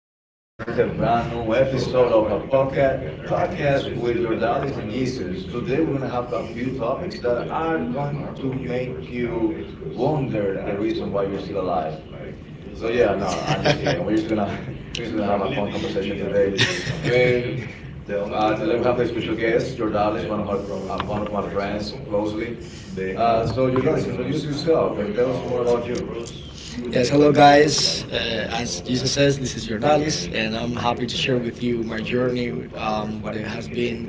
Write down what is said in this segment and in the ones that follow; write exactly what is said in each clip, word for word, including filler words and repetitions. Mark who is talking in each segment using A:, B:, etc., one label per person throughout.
A: Once again, this is a brand new episode of our podcast podcast with your dollies and Jesus. Today, we're gonna have a few topics that are going to make you wonder the reason why you're still alive. So yeah, no, I'm just kidding. We're just gonna we're just gonna have a fun conversation today. I mean, uh, today we have a special guest, your Dallas, one of our uh, one of my friends closely. Uh, so your Dallas, introduce yourself and tell us more about
B: Yes, hello guys. Uh, as Jesus says, this is Jordalis, and I'm happy to share with you my journey, um, what it has been,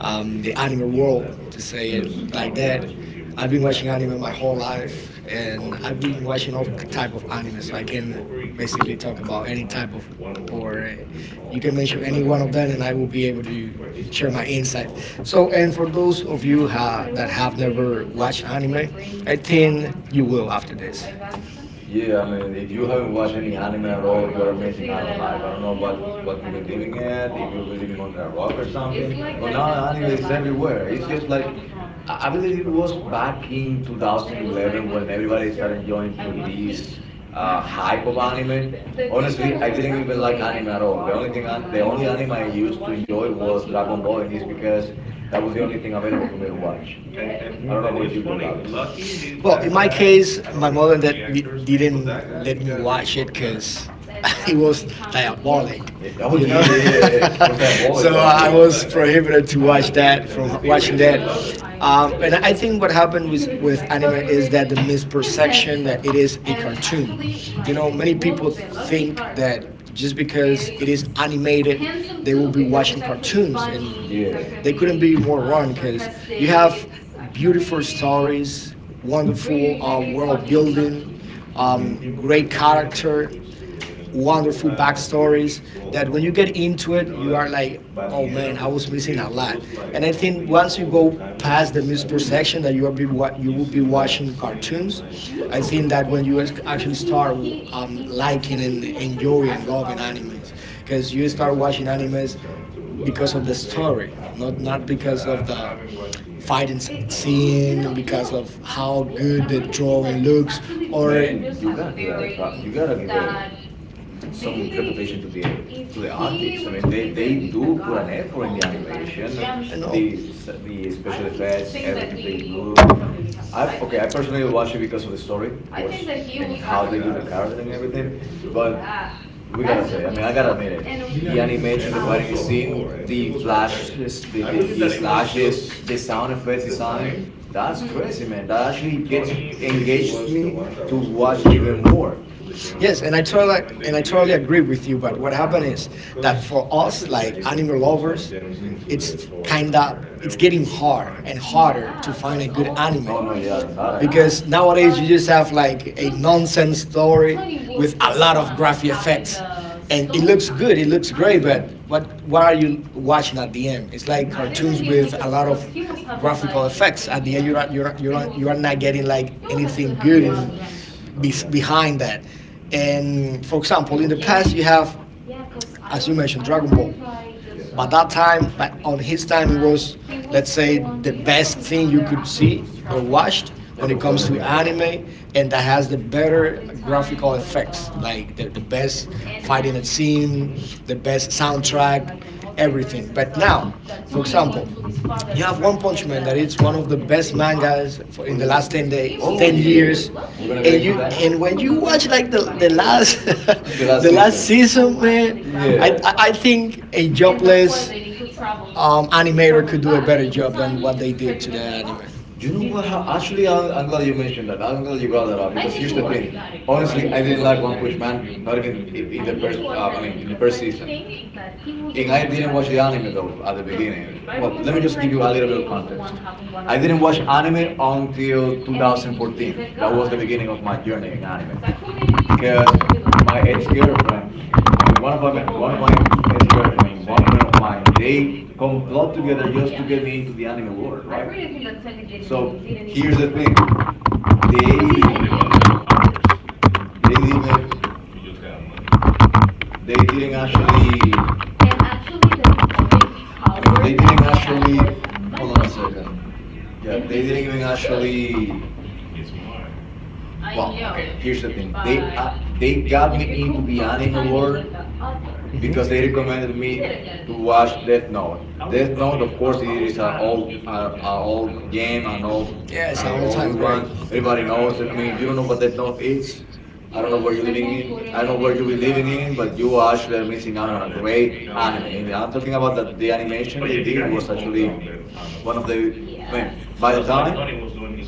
B: um, the anime world, to say it
A: you.
B: like that. I've been watching anime my whole life, and I've been watching all type of anime, so I can basically talk about any type of, or uh, you can mention any one of them, and I will be able to share my insight. So, and for those of you ha- that have never watched anime, I think you will after this.
A: Yeah, I mean, if you haven't watched any anime at all, you're missing out on life. I don't know what what you've been living at, if you're really living under a rock or something. But now anime is everywhere. It's just like I I believe it was back in twenty eleven when everybody started enjoying to this uh, hype of anime. Honestly, I didn't even like anime at all. The only thing, an- the only anime I used to enjoy was Dragon Ball, and it's because that was the only thing available for me to watch. I don't know about you, Jordalis.
B: Well, in my case, my mother that di- didn't let me watch it because it was diabolic,
A: Eh, Oh
B: you know.
A: yeah, yeah, yeah.
B: So
A: Yeah.
B: I was prohibited to watch that from watching that. Um, and I think what happened with with anime is that the misperception that it is a cartoon. You know, many people think that just because it is animated, they will be watching cartoons, and
A: Yeah.
B: they couldn't be more wrong because you have beautiful stories, wonderful uh, world building, um,
A: Mhm,
B: great character, wonderful backstories. That when you get into it, you are like, oh man, I was missing a lot. And I think once you go past the misperception that you are be wa- you will be watching cartoons, I think that when you ac- actually start w- um, liking and enjoying and loving animes, because you start watching animes because of the story, not
A: mhm.
B: not because of the fighting s- scene, because of how good the drawing looks,
A: I
B: or
A: mean, you gotta give it a try. You gotta give it some reputation to the to the artists. I mean, they they do put an effort in the animation,
B: I know.
A: the the special effects, everything they do. I okay, I personally watched it because of the story, of course, and how they build the character and everything. But we gotta say, I gotta admit, the animation, the fighting scene, the flashes, the, the, the slashes, the sound effects design, that's crazy, man. That actually gets engaged me to watch it even more.
B: Yes, and I totally and I totally agree with you. But what happened is that for us, like anime lovers,
A: Mm.
B: it's kinda it's getting hard and harder to find a good anime
A: Oh no, yeah, that I know.
B: because nowadays you just have like a nonsense story with a lot of graphic effects, and it looks good, it looks great, but what what are you watching at the end? It's like cartoons with a lot of graphical effects. At the end you're not, you're not, you're not, you are not getting like anything good
A: Yes,
B: in
A: oh,
B: be,
A: yeah.
B: behind that.
A: Mhm.
B: And for example, in the past you have, as you mentioned, Dragon Ball.
A: Yeah,
B: But that time, but on his time, it was, let's say, the best thing you could see or watched
A: yeah,
B: when
A: that
B: it
A: was the
B: comes
A: only
B: to
A: thing available.
B: anime, and that has the better graphical effects, like the, the best fighting scene, the best soundtrack, everything. But now, for example, you have One Punch Man that it's one of the best mangas for in the last ten days,
A: Oh
B: ten
A: yeah,
B: years,
A: we're gonna
B: and
A: get into
B: you
A: that now?
B: and when you watch like the the last
A: The
B: the
A: last
B: last
A: season.
B: season, man,
A: Yeah,
B: I I I think a jobless um, animator could do a better job than what they did to the anime.
A: you know what? How, actually, I'm, I'm glad you mentioned that. I'm glad you brought that up because here's the thing. Honestly, I didn't like One Punch Man. Not even in the first. Um, I mean, in the first season. And I didn't watch the anime though at the beginning. Well, let me just give you a little bit of context. I didn't watch anime until two thousand fourteen. That was the beginning of my journey in anime because my ex-girlfriend, I mean, one of my, one of my ex-girlfriend, one friend of mine, they complot together just to get me into the anime world, right? So here's the thing: they they didn't they didn't actually. I mean, they didn't actually. Hold on a second. Yeah, they didn't even actually. Well, okay. Here's the thing. They uh, they got me into the anime world because they recommended me to watch Death Note. Death Note, of course, it is an old, a, a old game, an old,
B: Yeah, it's an
A: a
B: all-time
A: old one.
B: great.
A: Everybody knows it. I mean, if you don't know what Death Note is, I don't know where you're living in. I don't know where you'll be living in, but you are actually missing out on a great anime. And I'm talking about that the animation they did was actually one of the. I mean, by the time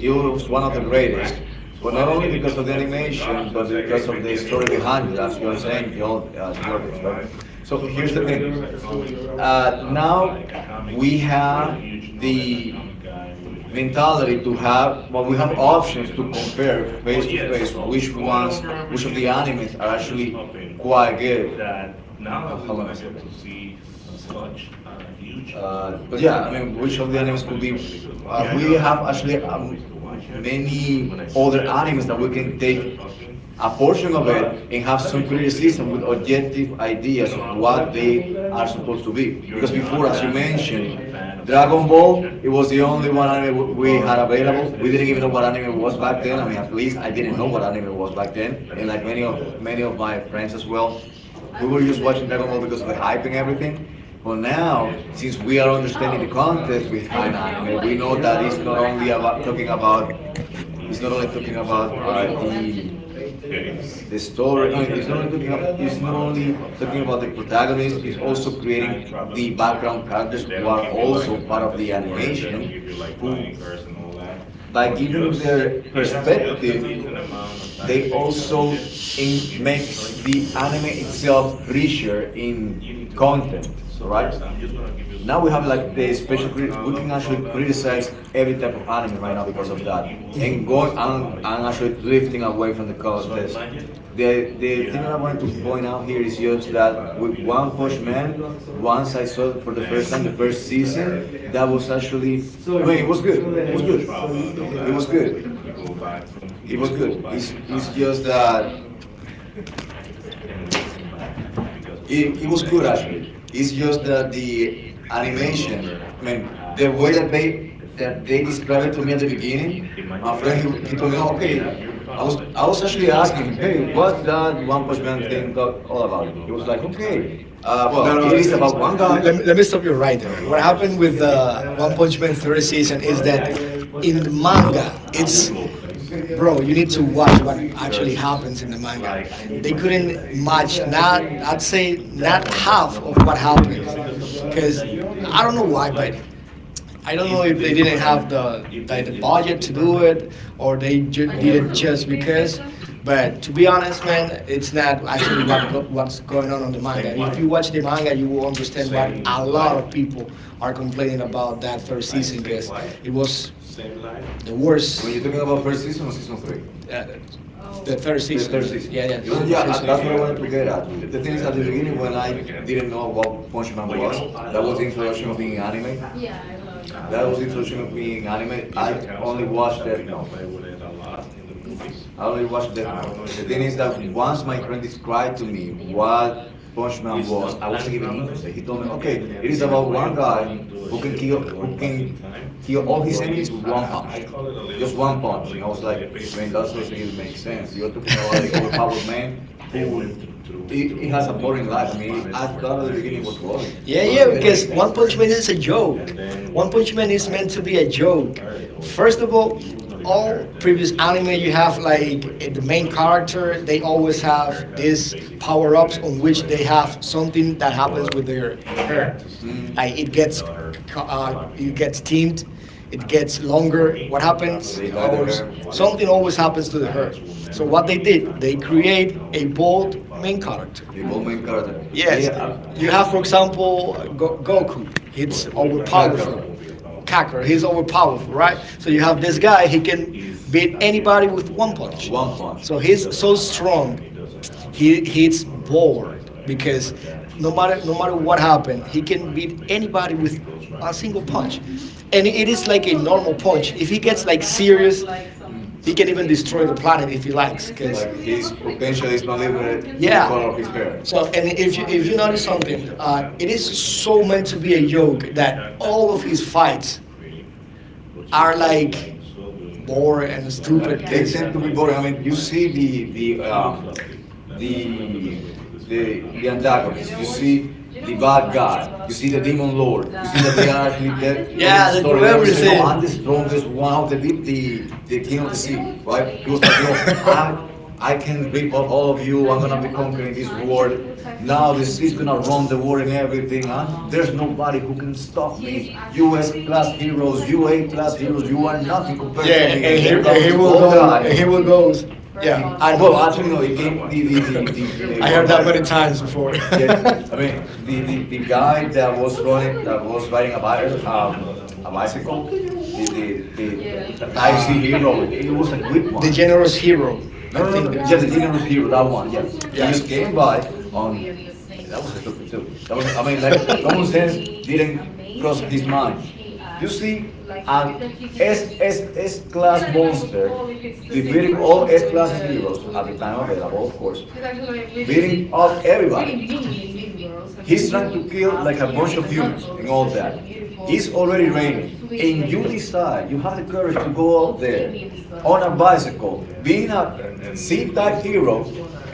A: it was one of the greatest, but not only because of the animation, but because of the story behind it, as you're saying, Jol- uh, Jordis, right? So here's the thing. Uh, Now we have the mentality to have, well, we have options to compare face to face which ones, which of the animes are actually quite good. Uh, hold on a second. Hold on a second. Uh, but yeah, I mean, which of the animes could be? Uh, we have actually um, many other animes that we can take a portion of it and have some criticism with objective ideas of what they are supposed to be. Because before, as you mentioned, Dragon Ball it was the only one anime w- we had available. We didn't even know what anime was back then. I mean, at least I didn't know what anime was back then, and like many of many of my friends as well, we were just watching Dragon Ball because of the hype and everything. But now, since we are understanding the context behind anime, we know that it's not only about talking about it's not only talking about uh, the the story. I mean, it's not only talking about, it's not only talking about the protagonist. It's also creating the background characters who are also part of the animation, who by giving their perspective, they also in, makes the anime itself richer in content. Right now we have like this. We can actually criticize every type of anime right because of that, and going and and actually drifting away from the content. The, the thing that I going to point out here is just that with one Punch man, once I saw it for the first time, the first season, that was actually, I mean, it was good. It was good. It was good. It was good. It's, it's just that It, it was good actually. It's just that the animation, I mean, the way that they that they described it to me at the beginning, my friend he, he told me, no, okay. I was I was actually asking him, hey, what's that One Punch Man thing talk, all about? He was like, okay, uh, well,
B: No, no.
A: it is
B: it's-
A: about one guy.
B: Let me, let me stop you right there. What happened with the One Punch Man third season is that in the manga, it's bro. you need to watch what actually happens in the manga. They couldn't match not I'd say not half of what happens because I don't know why, but I don't know if they didn't have the like the budget to do it, or they ju-
A: They
B: did it
A: never do.
B: just because. But to be honest, man, it's not actually what go- what's going on on the manga. If you watch the manga, you will understand what a lot of people are complaining about that third season because it was the
A: When you're
B: worst.
A: talking about
B: It,
A: first season or season three,
B: uh, the third
A: the
B: season,
A: third
B: the,
A: season.
B: yeah, yeah,
A: Uh, yeah, uh,
B: season
A: that's
B: three.
A: what I wanted to get at. The thing is, at the beginning when I didn't know what Punch Man was, that was the introduction of the anime. That was interesting with being anime. I only watched Death Note. I only watched Death Note. The thing is that once my friend described to me what Punch Man was, I wasn't even interested. He told me, okay, it is about one guy who can kill who can kill all his enemies with one punch. Just one punch. He was like, I mean, that doesn't even make sense. You're talking about an overpowered man who he, he has a boring life. I mean, he, I thought at the beginning it was boring.
B: Yeah,
A: It was,
B: yeah, because One Punch Man is a joke. One Punch Man is meant to be a joke. First of all, all previous anime you have like eh, the main character, they always have these power ups on which they have something that happens with their hair.
A: mm,
B: Like it gets, c- uh, it gets tint, it gets longer. What happens?
A: he died of
B: Or
A: her.
B: s-
A: Yeah.
B: something always happens to the hair. So
A: Mm.
B: what they did, they create a bold main character.
A: A Bowman character. Yeah,
B: Yes, you have, for example, Go- Goku. He's
A: Kakara,
B: overpowerful. Kakarot, he's overpowerful, right? So you have this guy. He can beat anybody with one punch.
A: One Punch.
B: So he's so strong. He hits bored because no matter no matter what happened, he can beat anybody with a single punch, and it is like a normal punch. If he gets like serious, he can even destroy the planet if he likes, because—
A: Like his potential is not limited to the
B: Yeah.
A: color of his hair.
B: So, and if you if you notice something, uh, it is so meant to be a joke that all of his fights are like boring and stupid.
A: They
B: Cause
A: tend to be boring. I mean, you see the the um, the the, the antagonist. You see the bad guy. You see the demon lord. You see that they are actually te- telling
B: yeah,
A: a
B: they
A: story.
B: do
A: They always say, "No,
B: everything.
A: I'm the strongest one, the, the, the king of the sea." Right? He was like, "No, I I can rip off all of you. I'm gonna be conquering this world. Now this is gonna run the world and everything. I, there's nobody who can stop me. U S class heroes, U A class heroes. You are nothing compared to
B: Yeah,
A: me.
B: and here and here will go, and here will goes. Yeah, I
A: Well,
B: know.
A: actually, the game, the, the, the, the
B: I
A: one
B: heard that
A: guy,
B: many times before.
A: yeah, the, the, the the guy that was running, that was riding a, bi- um, a bicycle, the, the, the Type C hero. He was a good one.
B: The generous hero. I
A: No, no,
B: think
A: no.
B: there was
A: Yeah,
B: a,
A: the general hero, that one. Yeah. He
B: yeah. Yeah.
A: just came by. That was just. That was, I mean, like, common sense didn't cross his mind. You see, at S, S class monster, defeating all S class heroes at the time available, of course, beating up everybody. He's trying to kill like a bunch of humans and all that. He's already ready, and you decide you have the courage to go out there on a bicycle, being a C-type hero,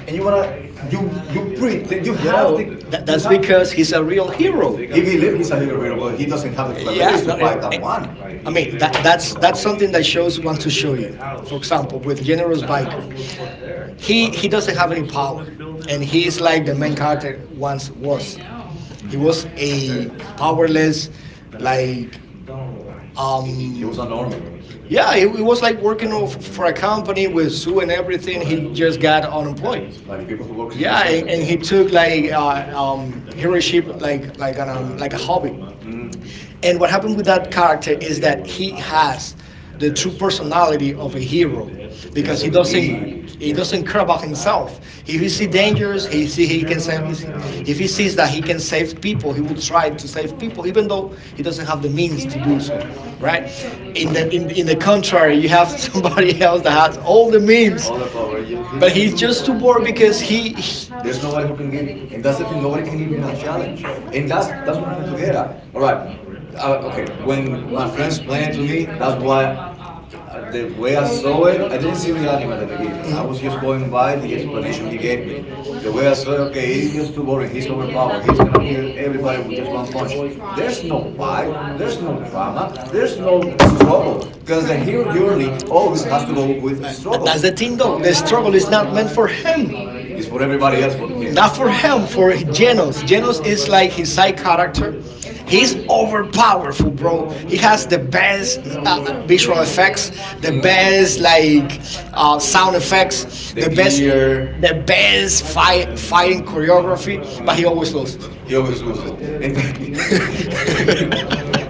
A: and you wanna you you breathe, and you have
B: Yo,
A: the,
B: that,
A: you
B: that's
A: have
B: because he's a real hero.
A: Even if it's a career, but he doesn't have the
B: Yeah,
A: capabilities to
B: no, it,
A: fight that one.
B: I mean that that's that's something that shows want to show you. For example, with Generous Biker, he he doesn't have any power, and he's like the main character once was. He was a powerless, like, um,
A: He was an army,
B: yeah, it was like working off for a company with Sue and everything. He just got unemployed.
A: like people who work in call
B: Yeah, and, and
A: centers.
B: he took like uh, um, heroship like like an um, like a hobby.
A: Mm-hmm.
B: And what happened with that character is that he has the true personality of a hero
A: He
B: because
A: has
B: he doesn't
A: everything.
B: he
A: Yeah.
B: doesn't care about himself. If he sees dangers, he see he can save. If he sees that he can save people, he will try to save people, even though he doesn't have the means to do so. Right? In the in, in the contrary, you have somebody else that has all the means,
A: All the power. He just, he
B: but
A: just,
B: he's just too bored because he—
A: there's nobody who can give. It. That's the thing. Nobody can give him a challenge. And that's that's what I'm trying to get at. All right. Uh, okay. When my friends explained it to me, that's why uh, the way I saw it, I didn't see the anime at the beginning. I was just going by the explanation he gave me. The way I saw it, okay, he's just boring. He's overpowered. He's gonna kill everybody with just one punch. There's no fight. There's no drama. There's no struggle. Because the hero journey always has to go
B: the Uh,
A: with
B: tha-
A: struggle.
B: that's the thing, though. The struggle is not meant for him.
A: It's for everybody else.
B: Not for him, for Genos. Genos is like his side character. He's
A: Yeah.
B: overpowerful, bro. He has the best uh, uh, visual effects, the
A: Mm.
B: best like uh, sound effects,
A: The
B: the best,
A: gear.
B: the best fight fighting choreography. But he
A: Mm.
B: always loses.
A: He always loses. And yeah,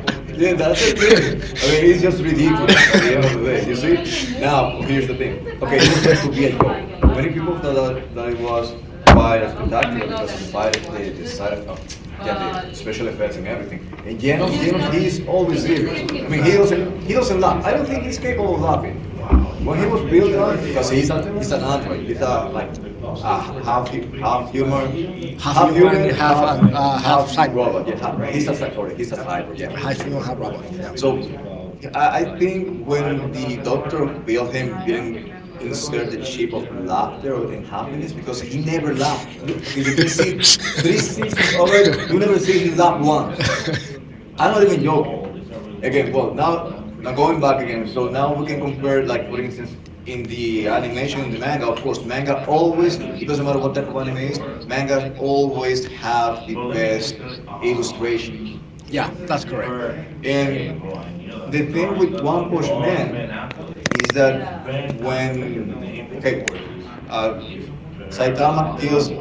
A: that's, I mean, it's just ridiculous. Now, here's the thing. Okay, it was meant to be a joke. But many people thought that, that it was quite, I can justify it, the, the side effect. Yeah, the special effects and everything. Janos, Janos, he's always serious. I mean, he doesn't, he doesn't laugh. I don't think he's capable of laughing. When he was because he's, a, he's an android. He's a, like, a h- half, hu- half humor,
B: Half
A: half human,
B: human, half
A: half,
B: and uh, half
A: half
B: cyborg,
A: robot. Yeah, ha- he's a, cy- sorry, he's a cyber, yeah.
B: or half human, half robot. Yeah,
A: So I I think when the doctor billed him, didn't insert the chip of laughter and happiness because he never laughed. You, okay, you can see three seasons of it, you never see him laugh once. I'm not even joking. Again, well, now now going back again, so now we can compare, like for instance, in the animation, in the manga. Of course, manga always. It doesn't matter what type of anime is. Mangas always have the best illustrations.
B: yeah, that's correct.
A: And the thing with One Punch Man is that when okay, uh, Saitama kills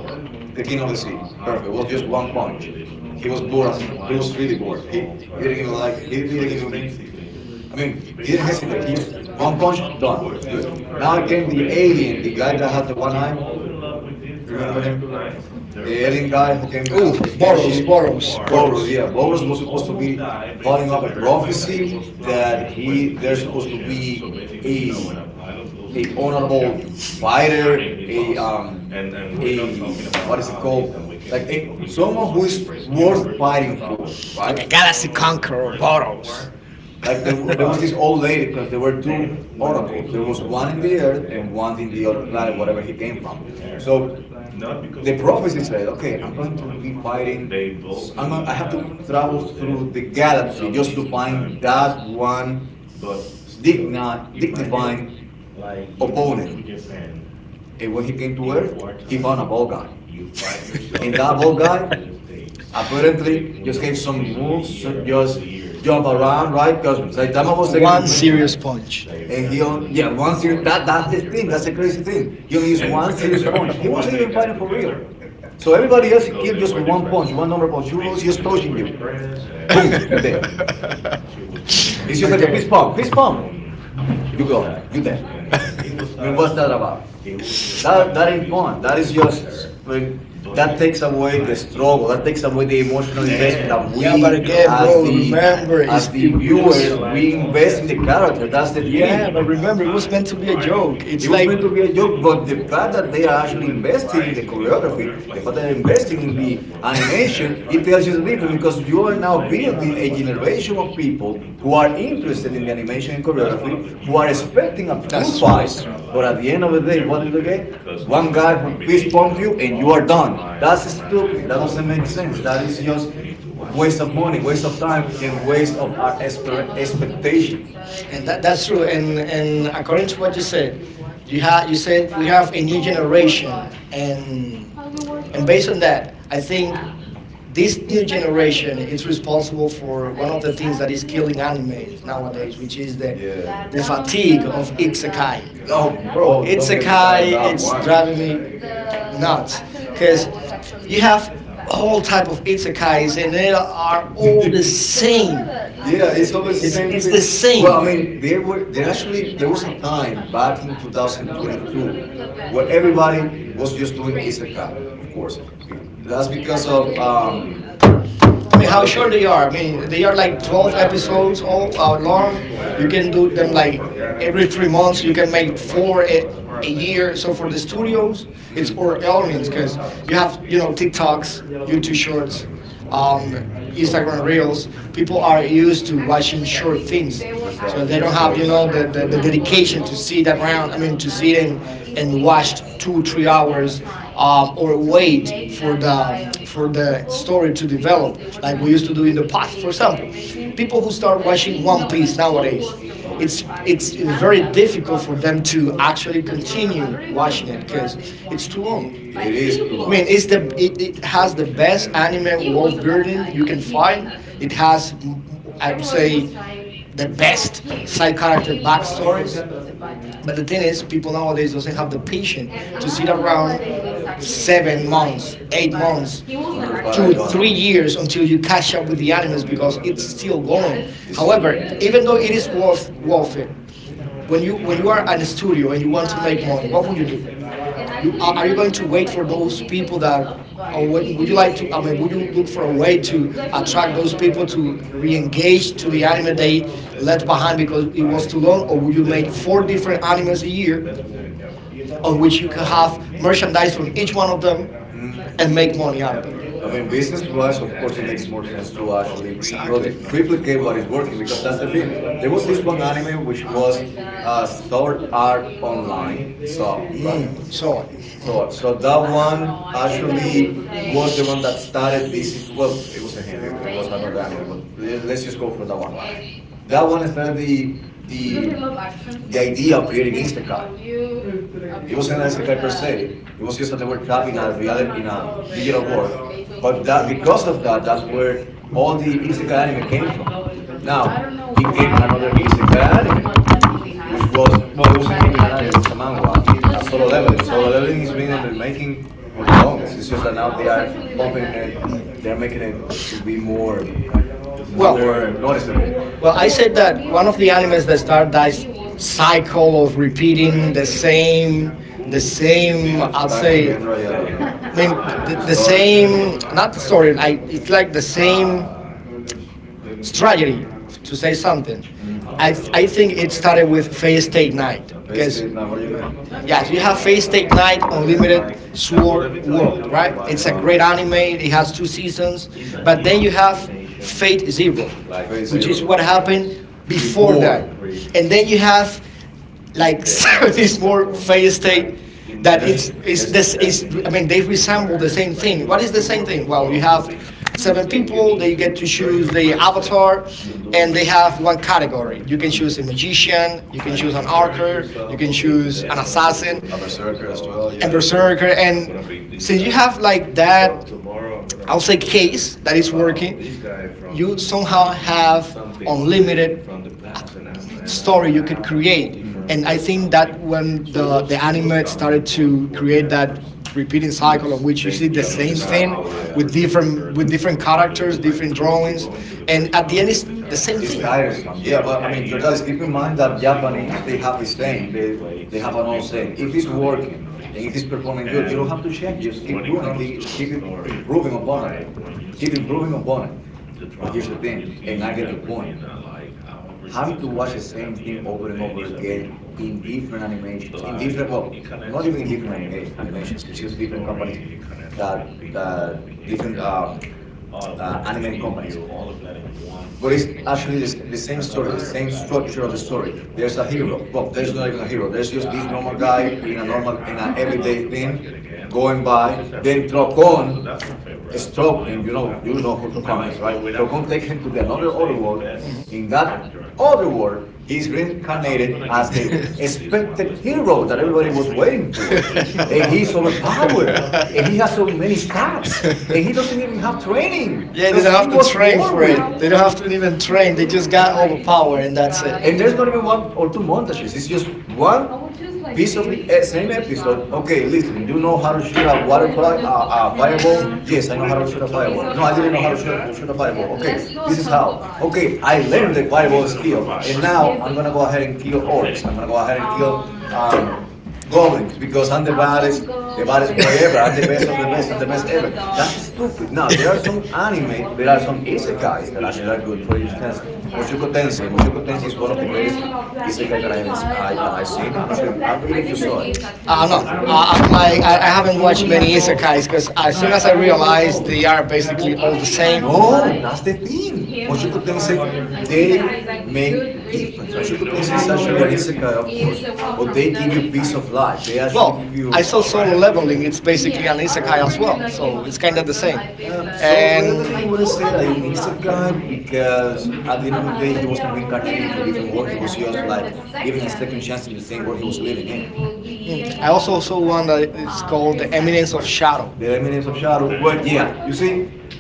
A: the King of the Sea. Perfect. It was just one punch. He was bored. As, he was really bored. He, he didn't even like. He didn't even. I mean, he didn't hesitate. He just one punch done. Good. Now I get the alien, the guy that has the one eye. You Remember him? The alien guy who came with a,
B: Ooh,
A: a
B: Boros,
A: spaceship.
B: Boros,
A: Boros.
B: Boros.
A: Yeah, Boros was supposed to be plotting up a prophecy that he there's supposed to be a, a honorable fighter, a um, what is it called? Like a, someone who is worth fighting for,
B: Like
A: right?
B: a galaxy conqueror, Boros.
A: Like there, wa- there was this old lady because there were two autocrats. There was one in the earth and one in the other planet, whatever he came from. So the prophecy said, okay, I'm going to be fighting. I'm going. I have to travel through the galaxy just to find that one digna, dignifying opponent. And when he came to Earth, he found a bald guy, and that bald guy Apparently, just gave some moves to just jump around. Right? 'Cause Saitama was even
B: One
A: flinching.
B: serious punch.
A: And he only, yeah, one series, that, that's the thing. That's the crazy thing. He only used one series punch. He wasn't even fighting for real. So everybody else he gave just one punch, one number punch. He was just touching you. Boom, you dead. It's just like a
B: Okay.
A: fist pump. Fist pump, you gone. You dead. I mean, what's that?
B: However—
A: That, that is not. That is just when that takes away the struggle, that takes away the emotional investment that we
B: Yeah, but again,
A: as
B: bro,
A: the
B: remember,
A: as
B: it's,
A: the
B: it, it
A: viewers
B: was.
A: we invest in the character. That's the thing.
B: Yeah, but remember, it was meant to be a joke.
A: It
B: It's
A: was
B: like,
A: meant to be a joke, but the fact that they are actually investing in the choreography, the fact that they're investing in the animation, it tells you different because you are now building a generation of people who are interested in animation and choreography, who are expecting to
B: that's true,
A: fight,
B: that's true.
A: but at the end of the day, what do they One guy fist pump you and you are done. That's stupid. That doesn't make sense. That is just a waste of money, waste of time, and waste of our expect- expectation.
B: And that, that's true. And and according to what you said, you ha you said we have a new generation, and and based on that, I think this new generation is responsible for one of the things that is killing animes nowadays, which is the
A: Yeah.
B: the fatigue of isekai.
A: Oh,
B: Bro,
A: oh.
B: isekai, it's driving me nuts because you have all type of isekais and they are all the same.
A: Yeah, it's always the
B: It's
A: same
B: it's
A: thing.
B: the
A: Well,
B: same.
A: I mean, they were there actually there was a time back in two thousand twenty-two where everybody was just doing isekai, of course. Bec- That's because of um,
B: I mean, how short they are. I mean, they are like twelve episodes all uh, long. You can do them like every three months. You can make four a, a year. So for the studios, it's
A: mm,
B: or earnings because you have, you know, TikToks, YouTube shorts, um, Instagram reels. People are used to watching short things
A: it's out
B: because
A: there,
B: they don't
A: just
B: have, you
A: clips.
B: know, the, the, the dedication to sit around, i mean to sit and and watch two three hours, um, or wait for the um, for the story to develop like we
A: Mm,
B: used to do in the past. For example, people who start watching One Piece nowadays,
A: oh,
B: it's it's very difficult for them to actually continue watching it because it's too long.
A: it is too
B: I mean,
A: long.
B: it's the it, it has the best anime world building you can find. It
A: Mm.
B: has, m- m- I would say, the best side character backstories. But the thing is, people nowadays doesn't have the patience to sit around seven months, eight months,
A: As a matter of fact, I
B: two,
A: don't.
B: three years until you catch up with the animes because it's still going.
A: It's still.
B: However, even though it is worth worth it, when you when you are in a studio and you want to make money, what would you do? You are, are you going to wait for those people that, or what, you- would you like to? I mean, would you look for a way to attract those people to re-engage to the anime they left behind because it was too long, or would you make four different animes a year on which you could have merchandise from each one of them
A: Mm.
B: and make money out of it?
A: I mean, business wise, of course, it makes more sense to actually
B: Exactly.
A: produ- replicate what is working because that's the thing. There was this one anime which was uh, Sword Art Online. So, right?
B: Mm, so,
A: so, so that one actually was the one that started this. It, well, it was an anime, it was an anime, but let's let's just go from that one. That one started the the the idea of creating isekai. It wasn't an S A P per se. It was just that they were trapped in a, reali- in a digital world. But that because of that, that's where all the isekai anime came from. Now, it came another isekai anime, which was, oh, it was even an anime, it was a manga, a Solo Leveling. Solo Leveling is been on the making for the longest. It's just that now they are pumping it, they're making it be more,
B: well.
A: more noticeable
B: Well, I said that one of the animes that start that cycle of repeating the same, the same. I'd
A: type
B: say,
A: of genre, yeah.
B: I mean, the,
A: Good
B: the
A: story.
B: same. Not the story. I. It's like the same strategy to say something.
A: Mm.
B: I. I think it started with Fate State Night
A: Phase
B: because—
A: state, now what do you mean?
B: Yes, you have Fate State Night Unlimited Sword World, right? It's a
A: Uh,
B: great anime. It has two seasons,
A: mm.
B: but then you have Fate Zero,
A: Phase
B: which
A: zero.
B: is what happened before
A: Before
B: that, and then you have like seventy more Fate State
A: And
B: that
A: there's
B: it's it's
A: there's
B: this is I mean they resemble the same thing. What is the same thing? Well, you have seven people. They get to choose the avatar,
A: mm,
B: and they have one category. You can choose a magician, you can choose an archer, you can choose an assassin,
A: a berserker as well.
B: and
A: Yeah,
B: Berserker. And since you have like that, I'll say case that is working, you somehow have unlimited story you could create.
A: mm,
B: And I think that when the the anime started to create that repeating cycle on which you see the
A: that
B: same
A: vicious
B: thing
A: cycle. Yeah,
B: with different with different characters, different drawings, and at the end it's the same
A: it's
B: thing.
A: tiresome. Yeah, but I mean, your dad is keep in mind that Japanese they have a saying. They they have an old saying. If it's working and if it's performing good, you don't have to change. Just keep doing it. Keep keep im- improving upon it. Keep improving upon it. But here's the thing, and I get your point. Having to watch the same thing over and over again in different animations, in different well, not even in different anima- animations. It's just different companies that that different. Um, uh, animated companies. But it's actually the, s- the same story, the same structure of the story. There's a hero. Well, there's not even a hero. There's just this normal guy in a normal, in an everyday thing, going by. Then Tokon is struggling. You know, you know who Tokon is, right? Tokon takes it to another other world. In that other world, he's reincarnated as the expected hero that everybody was waiting for and he's overpowered, and he has so many stats, and he doesn't even have training
B: Yeah, they
A: because
B: don't have to train for it. They don't have to even train. They just got all the power and that's it.
A: And there's not even one or two montages. It's just one piece of the same episode. Okay, listen, you know how to shoot a waterfly, a, a fireball? Yes, I know how to shoot a fireball. No, I didn't know how to shoot shoot a fireball. Okay, this is how. Okay, I learned the fireball skill, and now I'm gonna go ahead and kill orcs. I'm gonna go ahead and kill um, goblins because Antivirus, Antivirus forever, and the best of the best, and the best ever. That's stupid. Now, there are some anime, there are some isekais that actually are good. For instance, Mushoku Tensei. Mushoku Tensei is one of the greatest isekais that I've, I, that I've seen. I'm not sure, I don't know if you saw it.
B: Uh, no,
A: Mushoku Tensei.
B: I, I don't like. I, I haven't watched many isekais because as soon as I realized they are basically all the same.
A: No, that's the thing. Mushoku Tensei, they make the difference. Mushoku Tensei is actually an isekai, of course, but they give you a piece of life. They actually
B: Well,
A: give
B: I
A: you
B: saw Solo Leveling. It's basically an isekai as well, so it's kind of the same.
A: Um, so normally you
B: And
A: would say that he's a guy because at the end of the day he was reincarnated into a different world. He was just like given a second chance in the same world he was living in.
B: I also saw one that it's called The Eminence of Shadow.
A: The Remnants of Shadow. But yeah, see,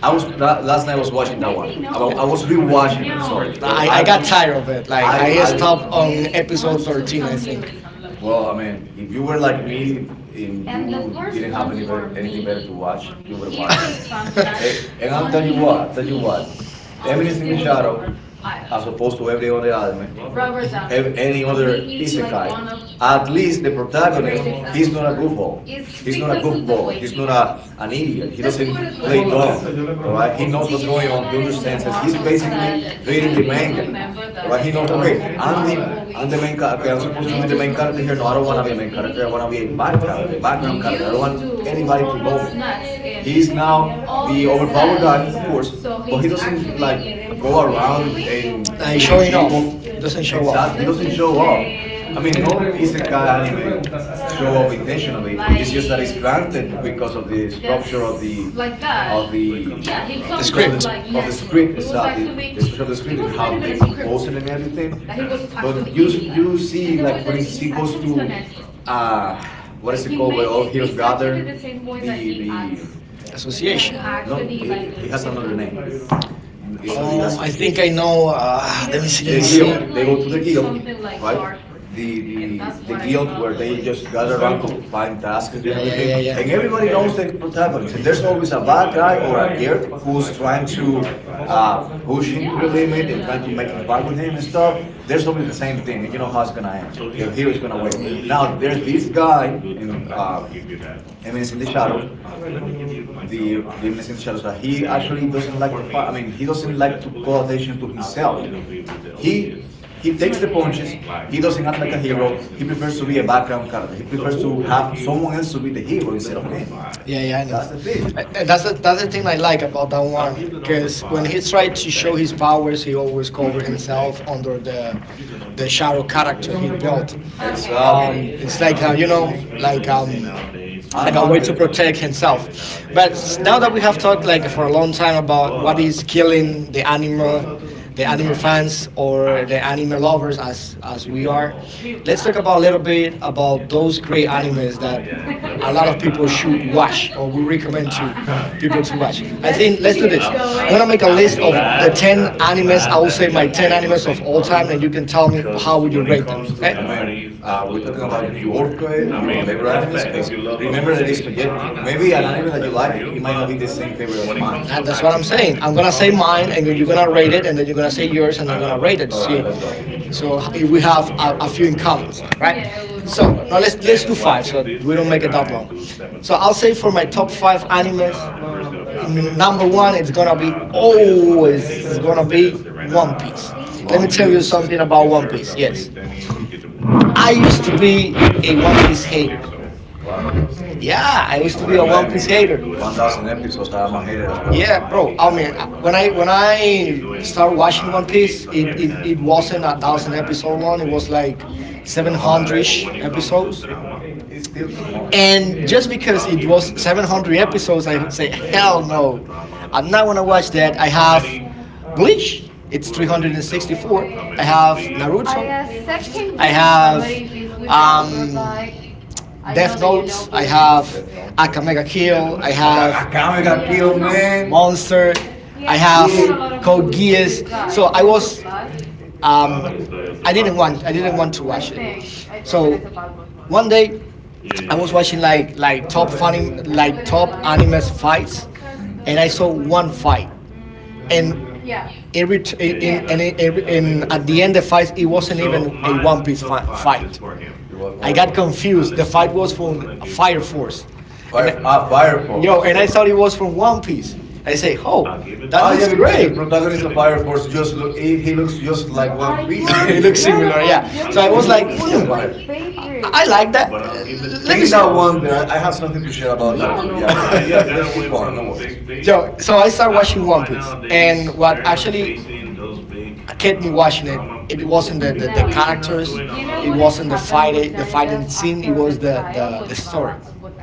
A: I was uh, last night I was watching that one. I, wa- I was rewatching it. Sorry, but
B: I, I got tired of it. Like
A: I,
B: I
A: I,
B: stopped on episode thirteen, I think.
A: well, I mean, if you were like me and you didn't have any bet- anything better to watch, you would have watched it. And I'll tell you what, I'll tell you what, The Eminence in the Shadow, as opposed to every other. Ev- any other isekai. At least the protagonist, he's not a goofball. He's not a goofball. He's not a, an idiot. He doesn't play dumb. Right? He knows what's going on in his senses. He's basically reading the manga. Right? He knows, okay,
B: Okay.
A: I'm the, I'm the main character. I'm supposed to be the main character here. No, I don't want to be a main character. I want to be a background. I don't want anybody to know He's now the Obama guy, of course, but he doesn't like go around. And
B: Like
A: many
B: showing
A: people,
B: off. He doesn't
A: and
B: show
A: that
B: off.
A: he doesn't show off. I mean, no one is a guy anime show off intentionally. It's just that it's planted because of the structure of the, of the
B: The
A: because of,
B: script.
A: of the script and how the especially of the script and how they compose and everything. But you, you see, like, for instance, he goes to um, what is it called? Where all here's gather The the
B: Association.
A: it has another name. It's not the
B: Um, I
A: association.
B: think I know. Uh, let me see. Let
A: The
B: me
A: guild.
B: see.
A: They go to the guild, right? The the guild where they just gather around to find tasks and
B: Yeah, yeah,
A: everything.
B: yeah, yeah.
A: Everyone knows the protagonist. There's always a bad guy or a dude who's trying to uh, push into the limit and trying to make it fight with him and stuff. There's always the same thing. You know how it's going to be. The hero's going to win. Now, there's this guy, um, Eminence in the Shadows, the Eminence in the Shadows, that he actually doesn't like to fight. I mean, he doesn't like to call attention to himself. He he takes the punches. He doesn't act like a hero. He prefers to be a background character. He prefers to have
B: Mm.
A: someone else to be the hero instead of him.
B: Yeah, yeah, I know.
A: That's the thing.
B: I- tha- That's the that's the thing I like about that one because when he tried to show his powers, he always covered himself under the the shadow character he built.
A: It's uh,
B: Um, it's like uh, you know, like um,
A: I
B: like a
A: know I'm
B: way to
A: good.
B: protect himself. But s- now that we have talked like for a long time about what is killing the animal, the animal fans or the animal lovers as as we are, let's talk about a little bit about those great animes that a lot of people should watch or we recommend to people to watch. I
A: Like,
B: think let's do this. I'm gonna make a list of the ten animes. I will say my ten animes of all time, and you can tell me how would you rate them. Okay?
A: I mean, uh, we're talking about your fa- your favorite animes because remember that it's subjective. Maybe an anime that you like it might not be the same favorite as mine.
B: That, that's what I'm saying. I'm gonna say mine, and you're gonna rate it, and then you're gonna say yours, and I'm gonna rate it to
A: But
B: see.
A: let's go.
B: So if we have a, a few in common, right?
A: Mhm.
B: So now let's let's do five, so we don't make it that long. So I'll say for my top five animes, n- number one, it's gonna be always it's gonna be One Piece. Let
A: One
B: me tell you
A: Piece.
B: something about One
A: Okay.
B: Piece. Yes, I used to be a One Piece hater.
A: Wow.
B: Yeah, I
A: I
B: used to be a
A: wouldn't blame
B: One
A: you.
B: Piece hater.
A: One thousand episodes. I'm a hater as well.
B: Yeah, bro. I mean, I- when I when I started watching One Piece, it, it, it wasn't a thousand episode long. It was like seven hundred ish episodes.
A: It's still too much.
B: And just because it was seven hundred episodes, I would say hell no, I'm not gonna watch that. I have Bleach. It's three hundred and sixty four. I have Naruto. I have um, Death Notes. I have
A: No.
B: Akame ga Kill. I
A: I,
B: have
A: I can.
B: Monster. I have Code Geass. So I was I didn't want I didn't want to watch it. So one day I was watching like like top funny like top animes fights,
A: Mm,
B: and I saw one fight, and it ret- in and it, and and at the end the fight it wasn't even a One Piece fi- fight.
A: what, what,
B: I
A: what, what?
B: got confused. The fight was from Fire Force,
A: Fire,
B: and
A: ah, Fire
B: yo,
A: Force.
B: and
A: Yeah.
B: I thought it was from One Piece. I say, oh, that
A: Ah, yeah,
B: looks
A: because the
B: great.
A: protagonist of Fire Force just look, he, he looks just like One Piece. Yeah,
B: it
A: yeah.
B: looks similar, yeah. So I
A: You
B: was
A: know
B: like,
A: what? Yeah,
B: hmm,
A: go ahead.
B: I I like that. Uh, Let me
A: Being
B: see.
A: that one, there, I I have something to share about that too. Yeah, but yeah, keep going. No worries.
B: Yo, so I started watching One Piece, and what actually kept me watching it, it wasn't the, the, the characters, it wasn't the fight, the fighting scene, it was the, the, the story.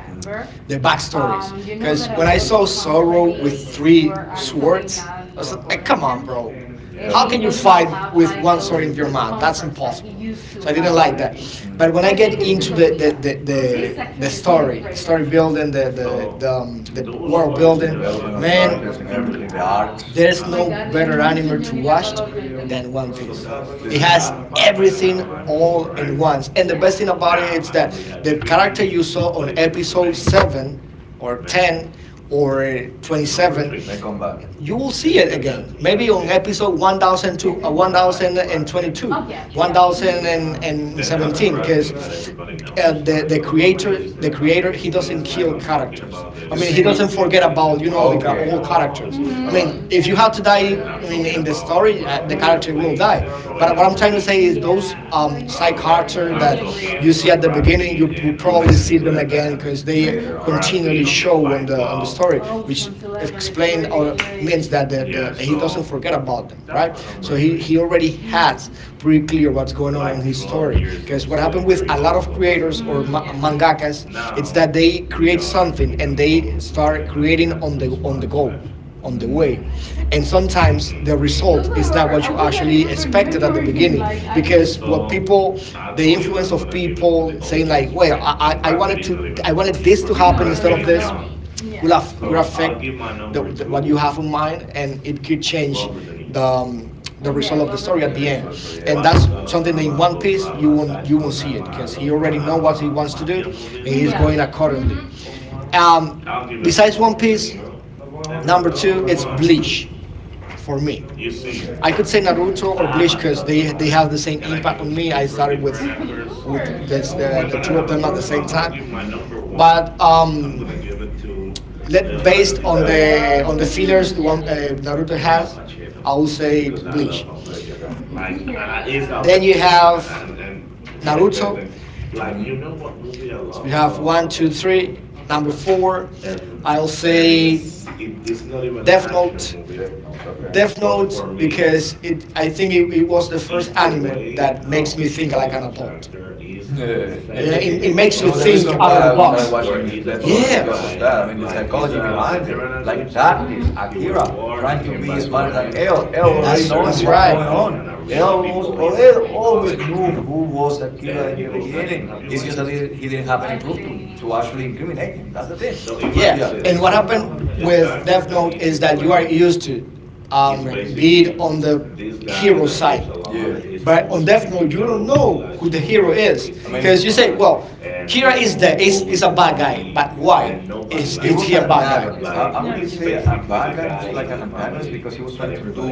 A: Mm,
B: The backstories. Because when I saw Sorrow with three swords, I was like, "Come on, bro!
A: that's
B: How
A: the
B: can you fight with one sword in your mouth? That's impossible." So I didn't like that.
A: one.
B: But
A: Mm.
B: when I get into the the, the, the, the story, the story building, the the the, um, the world building,
A: Open up the
B: man,
A: characters and everything, the arcs.
B: there's no better anime to watch than One Piece. It
A: Listen, I
B: has everything all in once. And the best thing about it is that the character you saw on episode seven or ten or twenty-seven
A: may come back.
B: you will see it again. Maybe on episode one thousand two, uh, one thousand twenty-two,
A: Okay.
B: one thousand seventeen, because uh, the the creator the creator he doesn't kill characters. I
A: You
B: mean, he
A: see?
B: doesn't forget about you know like uh,
A: Okay.
B: all characters. I
A: All
B: mean,
A: right.
B: if you have to die, I mean, in the story, uh, the character will die. But what I'm trying to say is those um, side character that you see at the beginning, you will
A: You may
B: probably
A: see
B: see them
A: it
B: again
A: um,
B: because they
A: later on. Yeah.
B: continually show on the on the story, which explain or means that the, the, that he doesn't forget about them, right? So
A: Mm-hmm.
B: he, he already has pretty clear what's going on on his story. Because what happened with a lot of creators or ma- mangakas, it's that they create something and they start creating on the on the go, on the
A: Mm-hmm.
B: way, and sometimes the result is not what you actually expected at the beginning because what people the influence of people saying like wait i i I wanted to I wanted this to happen instead of this could have could affect the, the, what you have in mind, and it could change the um, the result of the story at the end. And
A: Yeah.
B: that's something that in One Piece you won't you won't see it because he already know what he wants to do, and he's going accordingly. Um, Besides One Piece, number two, it's Bleach for me. I
A: Okay.
B: could say Naruto or Bleach because they they have the same impact on me. I started with with this, the the two of them at the same time, but um, let based on the on the fillers the one uh, Naruto has, I will say Bleach. Then you have Naruto.
A: Mm-hmm.
B: So we have one, two, three. Number four, I'll say Death Note. Death Note because it I think it, it was the first anime that makes me think like an adult. Yeah, it, it makes you
A: The
B: think
A: reason
B: out
A: why
B: of the
A: I started
B: box.
A: watching Death Note is
B: Yeah,
A: because of that. I mean, the psychology behind it. Like that is Akira trying to be smarter than El. El already
B: that's
A: knowing
B: that's
A: what's
B: right.
A: going on. El, was- El always knew who was Akira at the beginning. It's just that he, he didn't have any proof to, to actually incriminate. That's the thing.
B: Yeah, and what happened with Death Note is that you are used to, um, be it on the hero side,
A: Yeah.
B: but on Death Note you don't know who the hero is
A: I mean,
B: because you say, well, Kira is the is is a bad guy, but why is
A: he
B: is
A: was
B: he a
A: an
B: bad guy?
A: antagonist. I, I wouldn't say a bad guy. He was like an antagonist because he was trying to do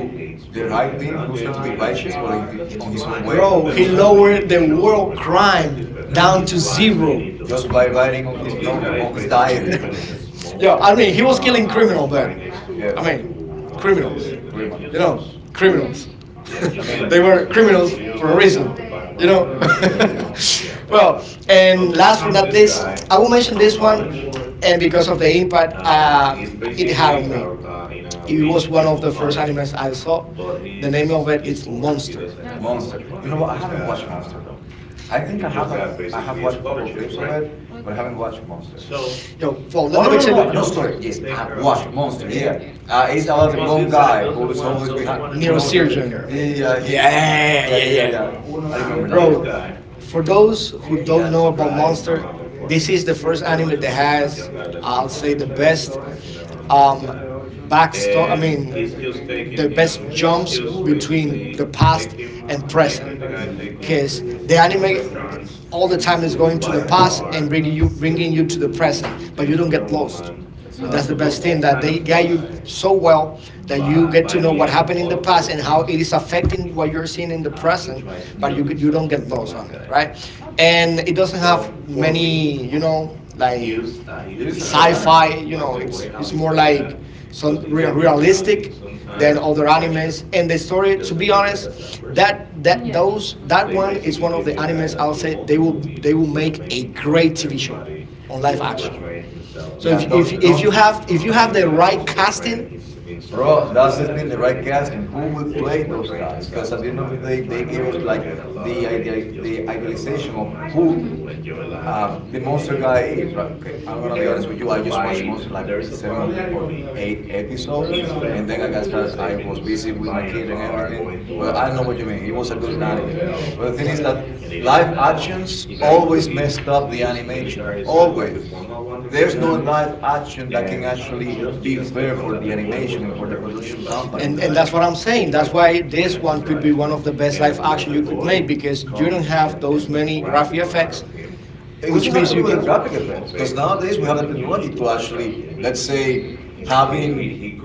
A: the right thing. He was trying to be righteous, but on, on his own way.
B: Bro, he lowered the world crime
A: Mm,
B: down to zero.
A: just by writing his note on his diary.
B: Yo, I mean he was killing criminal, but
A: Yeah,
B: I mean, criminals.
A: criminal.
B: You know, criminals.
A: I mean,
B: they were criminals for a reason. You know. well, and last but not least, I will mention this one, and because of the impact um, it had on me, it was one of the first animes I saw. The name of it is Monster.
A: monster. You know what? I haven't watched Monster though. I think I have. A, I have watched a couple of clips of it, but I haven't watched Monster.
B: Yo, well, let,
A: Oh no
B: let me
A: no
B: tell
A: no!
B: you,
A: No, sorry. Yes, I have watched Monster. Yeah, uh, it's about the blonde guy who's always behind, who knows
B: neurosurgeon.
A: everything. Yeah, he. Yeah
B: Yeah, yeah,
A: yeah yeah
B: yeah.
A: yeah. I remember now. Yeah.
B: Bro, for those who don't know about Monster, this is the first anime that has, I'll say, the best um, backstory. I mean, the best jumps between the past and present, because the anime all the time is going to the past and bringing you bringing you to the present, but you don't get lost,
A: That's
B: and that's the
A: uh,
B: best thing that they guide you so well that you get to know what happened in the past and how it is affecting what you're seeing in the present, but you get- you don't get lost on it, right? And it doesn't have many, you know, like
A: Use a short answer.
B: sci-fi. You know, it's it's more like some re- realistic
A: Yeah,
B: than other animes. And the story, to be honest, that that those that one is one of the animes I'll say they will they will make a great T V show on live action. So
A: yeah.
B: if
A: Don't,
B: if if
A: don't.
B: you have if you
A: I
B: have
A: mean,
B: the right casting.
A: bro, that's the thing. The right cast. Who will play those guys? Because at the end of the day, they gave us like the idea, the idealization of who. Uh, the Monster Guy. Okay, I'm gonna be honest with you. I just watched Monster like seven or or eight episodes, and then I guess started. I was busy with my kids and everything. But I know what you mean. It was a good anime. But the thing is that live actions always messed up the animation. Always. There's no live action that can actually be fair for the animation and for the production company.
B: And, and that's what I'm saying. That's why this one could be one of the best live action you could make because you don't have those many graphic effects,
A: It doesn't
B: which
A: have
B: means
A: to
B: you
A: be with
B: can
A: the graphic effects, because nowadays we have the technology to actually, let's say, have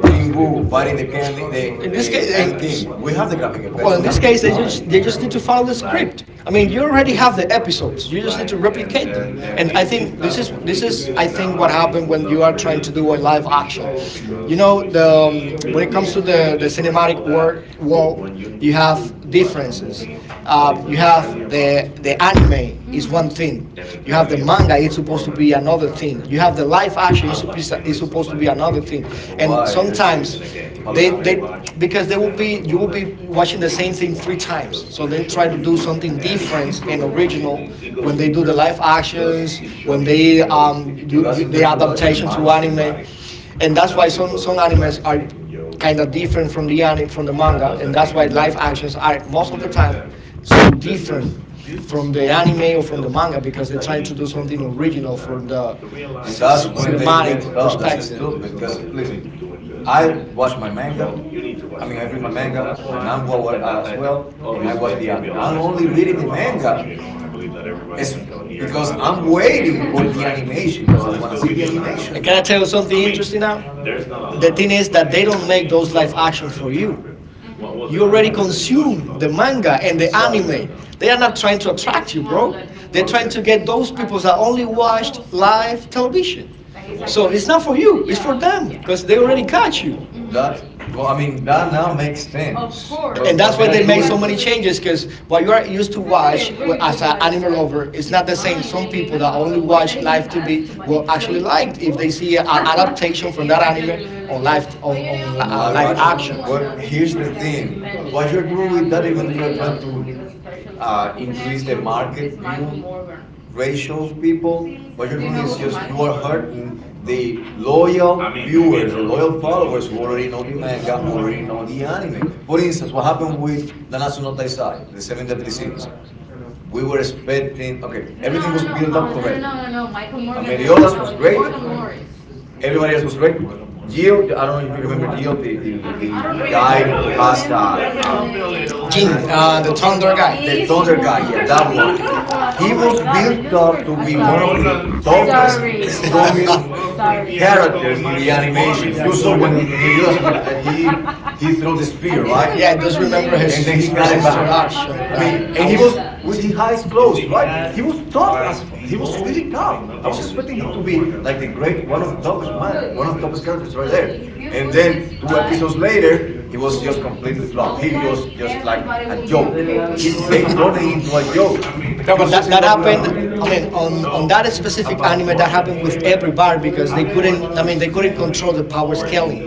A: Jim fighting the, can- the,
B: In this
A: the
B: case,
A: Ant
B: in,
A: King. We have the camping
B: well,
A: effects.
B: in
A: We have
B: this
A: the
B: case, they just they just need to follow the script. I mean, you already have the episodes. You just need to replicate them. And I think this is this is I think what happened when you are trying to do a live action.
A: mm.
B: You know, the um, when it comes to the the cinematic wor- world, you have differences uh, you have the the anime is one thing. You have the manga; it's supposed to be another thing. You have the live action; it's supposed it's supposed to be another thing. And
A: Why?
B: sometimes they they because they will be you will be watching the same thing three times. So they try to do something different and original when they do the live actions, when they um
A: But
B: do do
A: that's the
B: the
A: production,
B: adaptation to
A: right?
B: anime, and that's why some some animes are kind of different from the anime from the manga, and that's why live actions are most of the time so different from the anime or from the manga because they're trying to do something original from the
A: And
B: c- c-
A: that's when they
B: cinematic
A: messed up. That's
B: perspective.
A: stupid. Because listen, I watch my manga. I mean, I read my manga, my manga wa- as well, and I watch the anime. I only read the manga is because I'm waiting for the animation because I want to see the animation
B: And can I
A: now.
B: tell you something interesting now? The thing is that they don't make those live action for you. You already consume the manga and the
A: Exactly.
B: anime. They are not trying to attract you, bro. They're trying
A: Okay,
B: to get those people that only watched live television. So it's not for you; it's for them because they already got you,
A: that well, I mean that now makes sense. But
B: and
A: what
B: that's why
A: do
B: they
A: you.
B: make so many changes. Because what you are used to watch w- as an anime lover, it's not the same. Some people that only watch live T V will actually like it if they see an adaptation from that anime on live on on li-
A: On a
B: uh,
A: live
B: live
A: action.
B: action.
A: But here's the thing: what you're doing with that, even though you're trying to uh, increase the market view ratio of people, what you're doing is just you are hurting the loyal viewers, the loyal followers who already know the manga, who already know the anime. For instance, what happened with Nanatsu no Taizai, the Seven Deadly Sins? We were expecting okay, everything was built up correct. Meliodas was great. Everybody else was great. Jill, I don't know if you remember Jill, the, the, the guy
B: No, no,
A: who has uh, um,
B: Jin,
A: as
B: uh, the Thunder guy.
A: the Thunder guy, yeah, that one. He was built up to be one of the toughest, strongest characters in the animation.
B: Yeah, I
A: You
B: do
A: saw when
B: remember.
A: he, he, he threw the spear, right?
B: Yeah, I just remember
A: And
B: his
A: then he
B: his
A: got
B: first
A: it back.
B: introduction.
A: I mean,
B: Like
A: and
B: that
A: he was
B: was…
A: with his eyes closed, right? He was tough. He was really tough. I was expecting him to be like the great, one of the toughest man, one of the toughest characters right there. And then two episodes later, he was just completely flop. He was just like a joke. He, they turned him into a joke.
B: No, but that that
A: Mm,
B: happened. I mean, on on that specific anime, that happened with every bar because they couldn't. I mean, they couldn't control the power scaling,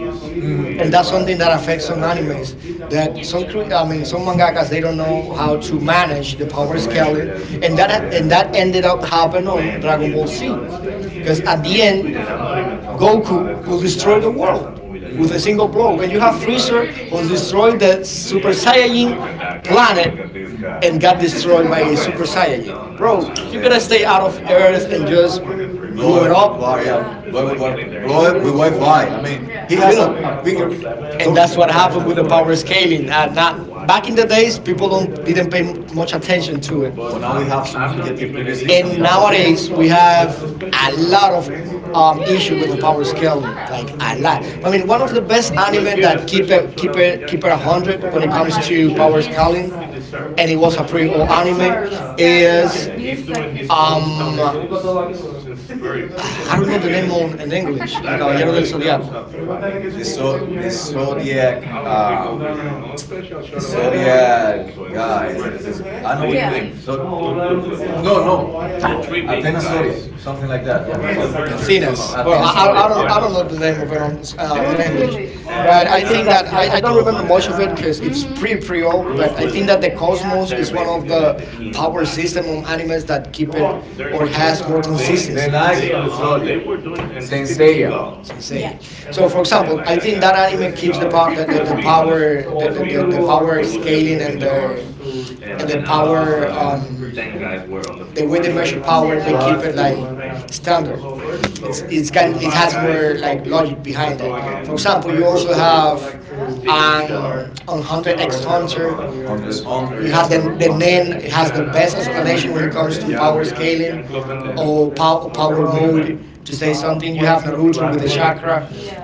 B: and
A: that's
B: that's something that affects
A: the
B: some
A: first skill.
B: animes. That some, cre- I mean, some mangakas they don't know how to manage the
A: How
B: power
A: to measure
B: scaling,
A: them, to
B: and
A: power
B: that and
A: it.
B: that ended up happening on Dragon Ball Z because at the end, Goku could destroy the world
A: Mm,
B: with a single blow, and you have Freezer who destroyed the Super Saiyan planet
A: mm.
B: and got destroyed by a Super Saiyan. Bro,
A: Chris
B: you could
A: Brazilian,
B: have stayed
A: yeah.
B: out of Earth and just
A: Blow
B: blew
A: it
B: it
A: from
B: up,
A: far, yeah. Blow it with, wi- blow it with Wi-Fi. I mean, he
B: you
A: has a,
B: know.
A: a finger
B: And
A: touch
B: that's
A: that
B: what
A: he can
B: happened
A: actually
B: with
A: do.
B: the power scaling. Uh, not back in the days, people don't didn't pay m- much attention to it,
A: Well, now we have some subjective criticism.
B: and nowadays we have a lot of um, issue with the power scaling, like a lot. I mean, one of the best anime that keep it keep it keep it a hundred when it comes to power scaling, and it was a pre old anime, is um, ah, I don't know the name on, in English. Los Caballeros del Zodiaco,
A: The so the zodiac, uh, the zodiac guy. I know what you mean. So no, no, antenna zodiac, something like that.
B: the Athenas. Well,
A: Athena
B: I, I, I
A: Zodiac,
B: don't
A: yeah.
B: I don't know the name of it on, uh, in English, but I think that I, I don't remember much of it because it's pre pre old. But I think that the Cosmos is one of the power system of animes that keep it or has more
A: The
B: consistency.
A: Knights of the Zodiac, Saint Seiya.
B: Sensei. So, for example, I think that anime keeps the power, the, the, the power, the, the, the the power scaling and the and the power, um, the way they measure power, they keep it like standard.
A: Mm,
B: It's it's kind it has more like logic behind that. For
A: mm.
B: example, you also have um, on Hunter X Hunter.
A: Hunter is Hunter,
B: You
A: yeah,
B: have
A: it's
B: the
A: a good
B: the
A: one.
B: Nen. It has the best explanation when it comes to
A: Mm,
B: power scaling or pow- power mode to say something. You have Naruto with the chakra,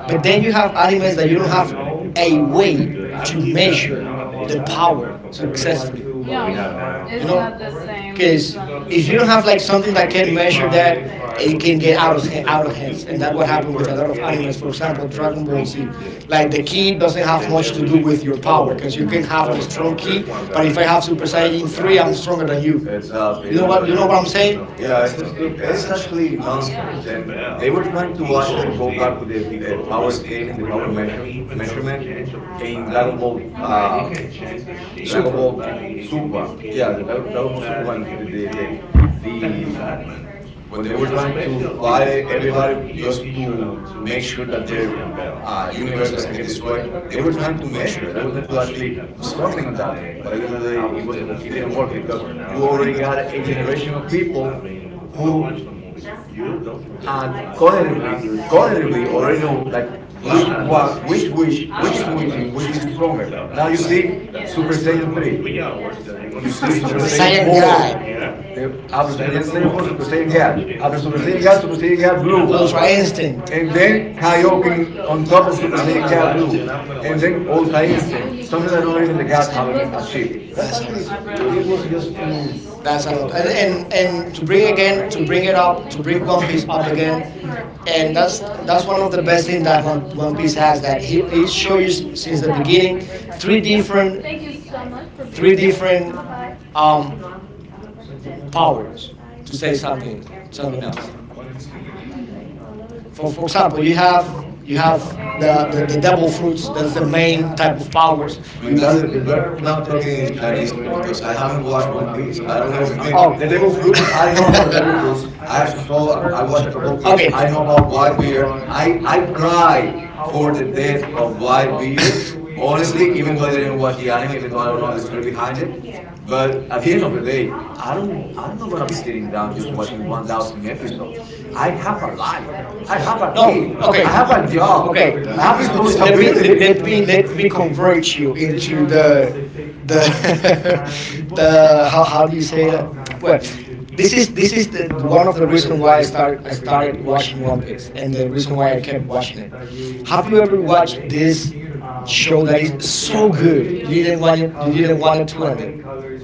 B: but then you have animes that you don't have a way to measure the power successfully.
A: mm,
B: You know, because if you don't have like something that can measure that, it can get out of hand, out of hands, and that's what happened with a lot of animes. For example, Dragon Ball Z,
A: that
B: like the
A: one.
B: key doesn't have much to do with your power, because you
A: Mm,
B: can have a strong key, but if I have Super Saiyan three, I'm stronger than you.
A: exactly.
B: You know
A: Even
B: what?
A: though
B: You know
A: you're,
B: what I'm saying?
A: yeah, it's just, it's actually nonsense. And they were trying to actually go back with the uh, power scaling, the power measure, measurement in Dragon Ball, uh, Dragon
B: Super
A: Ball Super. Yeah, the Dragon Ball Super. Eh, when they were trying to fight e- everybody just to make sure that their uh, universe doesn't get destroyed, they were trying to measure. They were trying to actually do something on that. But at the end of the day, it, wasn't, it didn't work because you already got a generation of people who uh, cognitively, cognitively already know like which one, which wish, which is which, and which is stronger. Now you see Super Saiyan three, you see Super
B: Super
A: Saiyan
B: Saiyan God,
A: four, after Super Saiyan four, Super Saiyan God, after Super Saiyan God, Super Saiyan God Blue.
B: Ultra Instinct.
A: And then IoT on top of Super Saiyan, and then Gold Giants, something that not even the cats have ag- achieved. That's
B: That's a
A: actually
B: lot.
A: something it was just um,
B: That's a lot. And and and to bring again, to bring it up, to bring One Piece up again, and that's that's one of the best things that One, One Piece has. That he it shows you s- since the beginning three different three different powers to say something something else. For for example, you have you have the the, the devil fruits. That's the main type of powers.
A: I
B: You,
A: mean,
B: you
A: that's the thing. You're not talking in Chinese to me because I haven't watched One Piece. I don't even. I mean,
B: Oh.
A: the Devil Fruits. I know about the Devil Fruits. I saw. a- I watched a couple of clips.
B: Okay.
A: I know about white Whitebeard. I I cry for the death of white Whitebeard. Honestly, even though I didn't watch the anime, even though I don't know the story behind it, but at the end of the day, I don't. I'm not gonna be sitting down just watching one thousand episodes. I have a life. I have a.
B: No, okay,
A: I
B: l-
A: have
B: l-
A: a job.
B: okay. l-
A: I have
B: l- l- Let me let,
A: responsibility.
B: let me let me convert you into the the. The how, how do you say that? Well, this is this is the the- one of the reason why I start I started watching One Piece and the reason why I kept watching it. Have you ever watched this show that is so good you didn't want it you didn't want it to end it?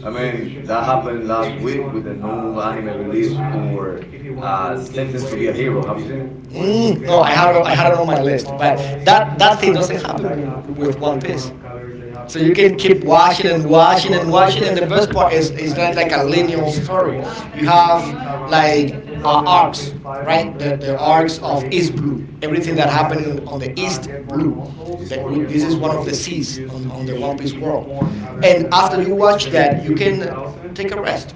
A: I mean, that happened last week when a new anime release for uh, Sentence to be a Hero. Have you seen it?
B: Mm, no, I had it, I had it on my list, but that that thing doesn't happen w- with One Piece. So you can keep watching and watching and watching. And the best part is it's not like a linear story. You have like uh, arcs,
A: Mhm.
B: right? The, the arcs of East Blue. Everything that happened in, on the East Blue.
A: It's
B: That w- this is one of the seas on, on the One Piece world.
A: mm,
B: And after you watch that, you can take a rest.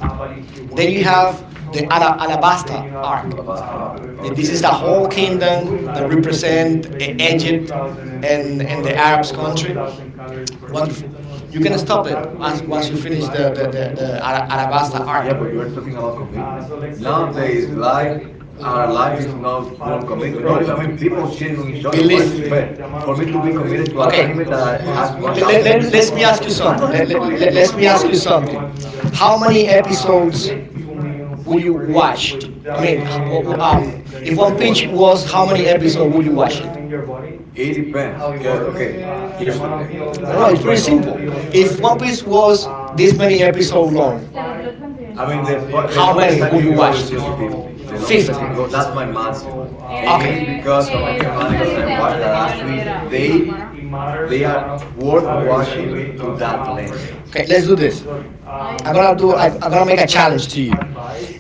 B: Then you have the Ala- Alabasta arc.
A: Alabasta Arc.
B: Th- This
A: Okay.
B: is the whole kingdom that represent uh, Egypt and, and the Arabs country. Wonderful. You can stop it once once you finish the the the, the Ara- Arabasta
A: We're
B: arc.
A: talking about commitment. Nowadays, life, our life is not full on commitment.
B: Bro,
A: Not even
B: b-
A: people cheating on each other. What
B: believe me.
A: is it? For me to be committed to an
B: Okay,
A: item that has
B: let, let,
A: one thousand,
B: let, let me ask you
A: I'm
B: something.
A: not
B: Let,
A: even
B: let,
A: committed
B: let,
A: to
B: let
A: my
B: me ask
A: wife.
B: you something. How many episodes would you watched? I mean, h- wh- wh- um, if
A: But
B: One
A: it
B: Piece was, how many episodes would you watch it?
A: depends. Because, okay, here's the thing. I
B: No, no,
A: have,
B: it's
A: I
B: very simple. If One Piece was this many episodes long,
A: mean, the, the
B: how many
A: longest I
B: would you
A: can go
B: watch?
A: is just fifty. The longest I
B: fifty.
A: can go, that's my maximum. And it
B: Okay.
A: is because of some animals that I watch that actually, they they are worth watching to that length.
B: Okay, let's do this. I'm going to do I, I'm going to make a challenge to you.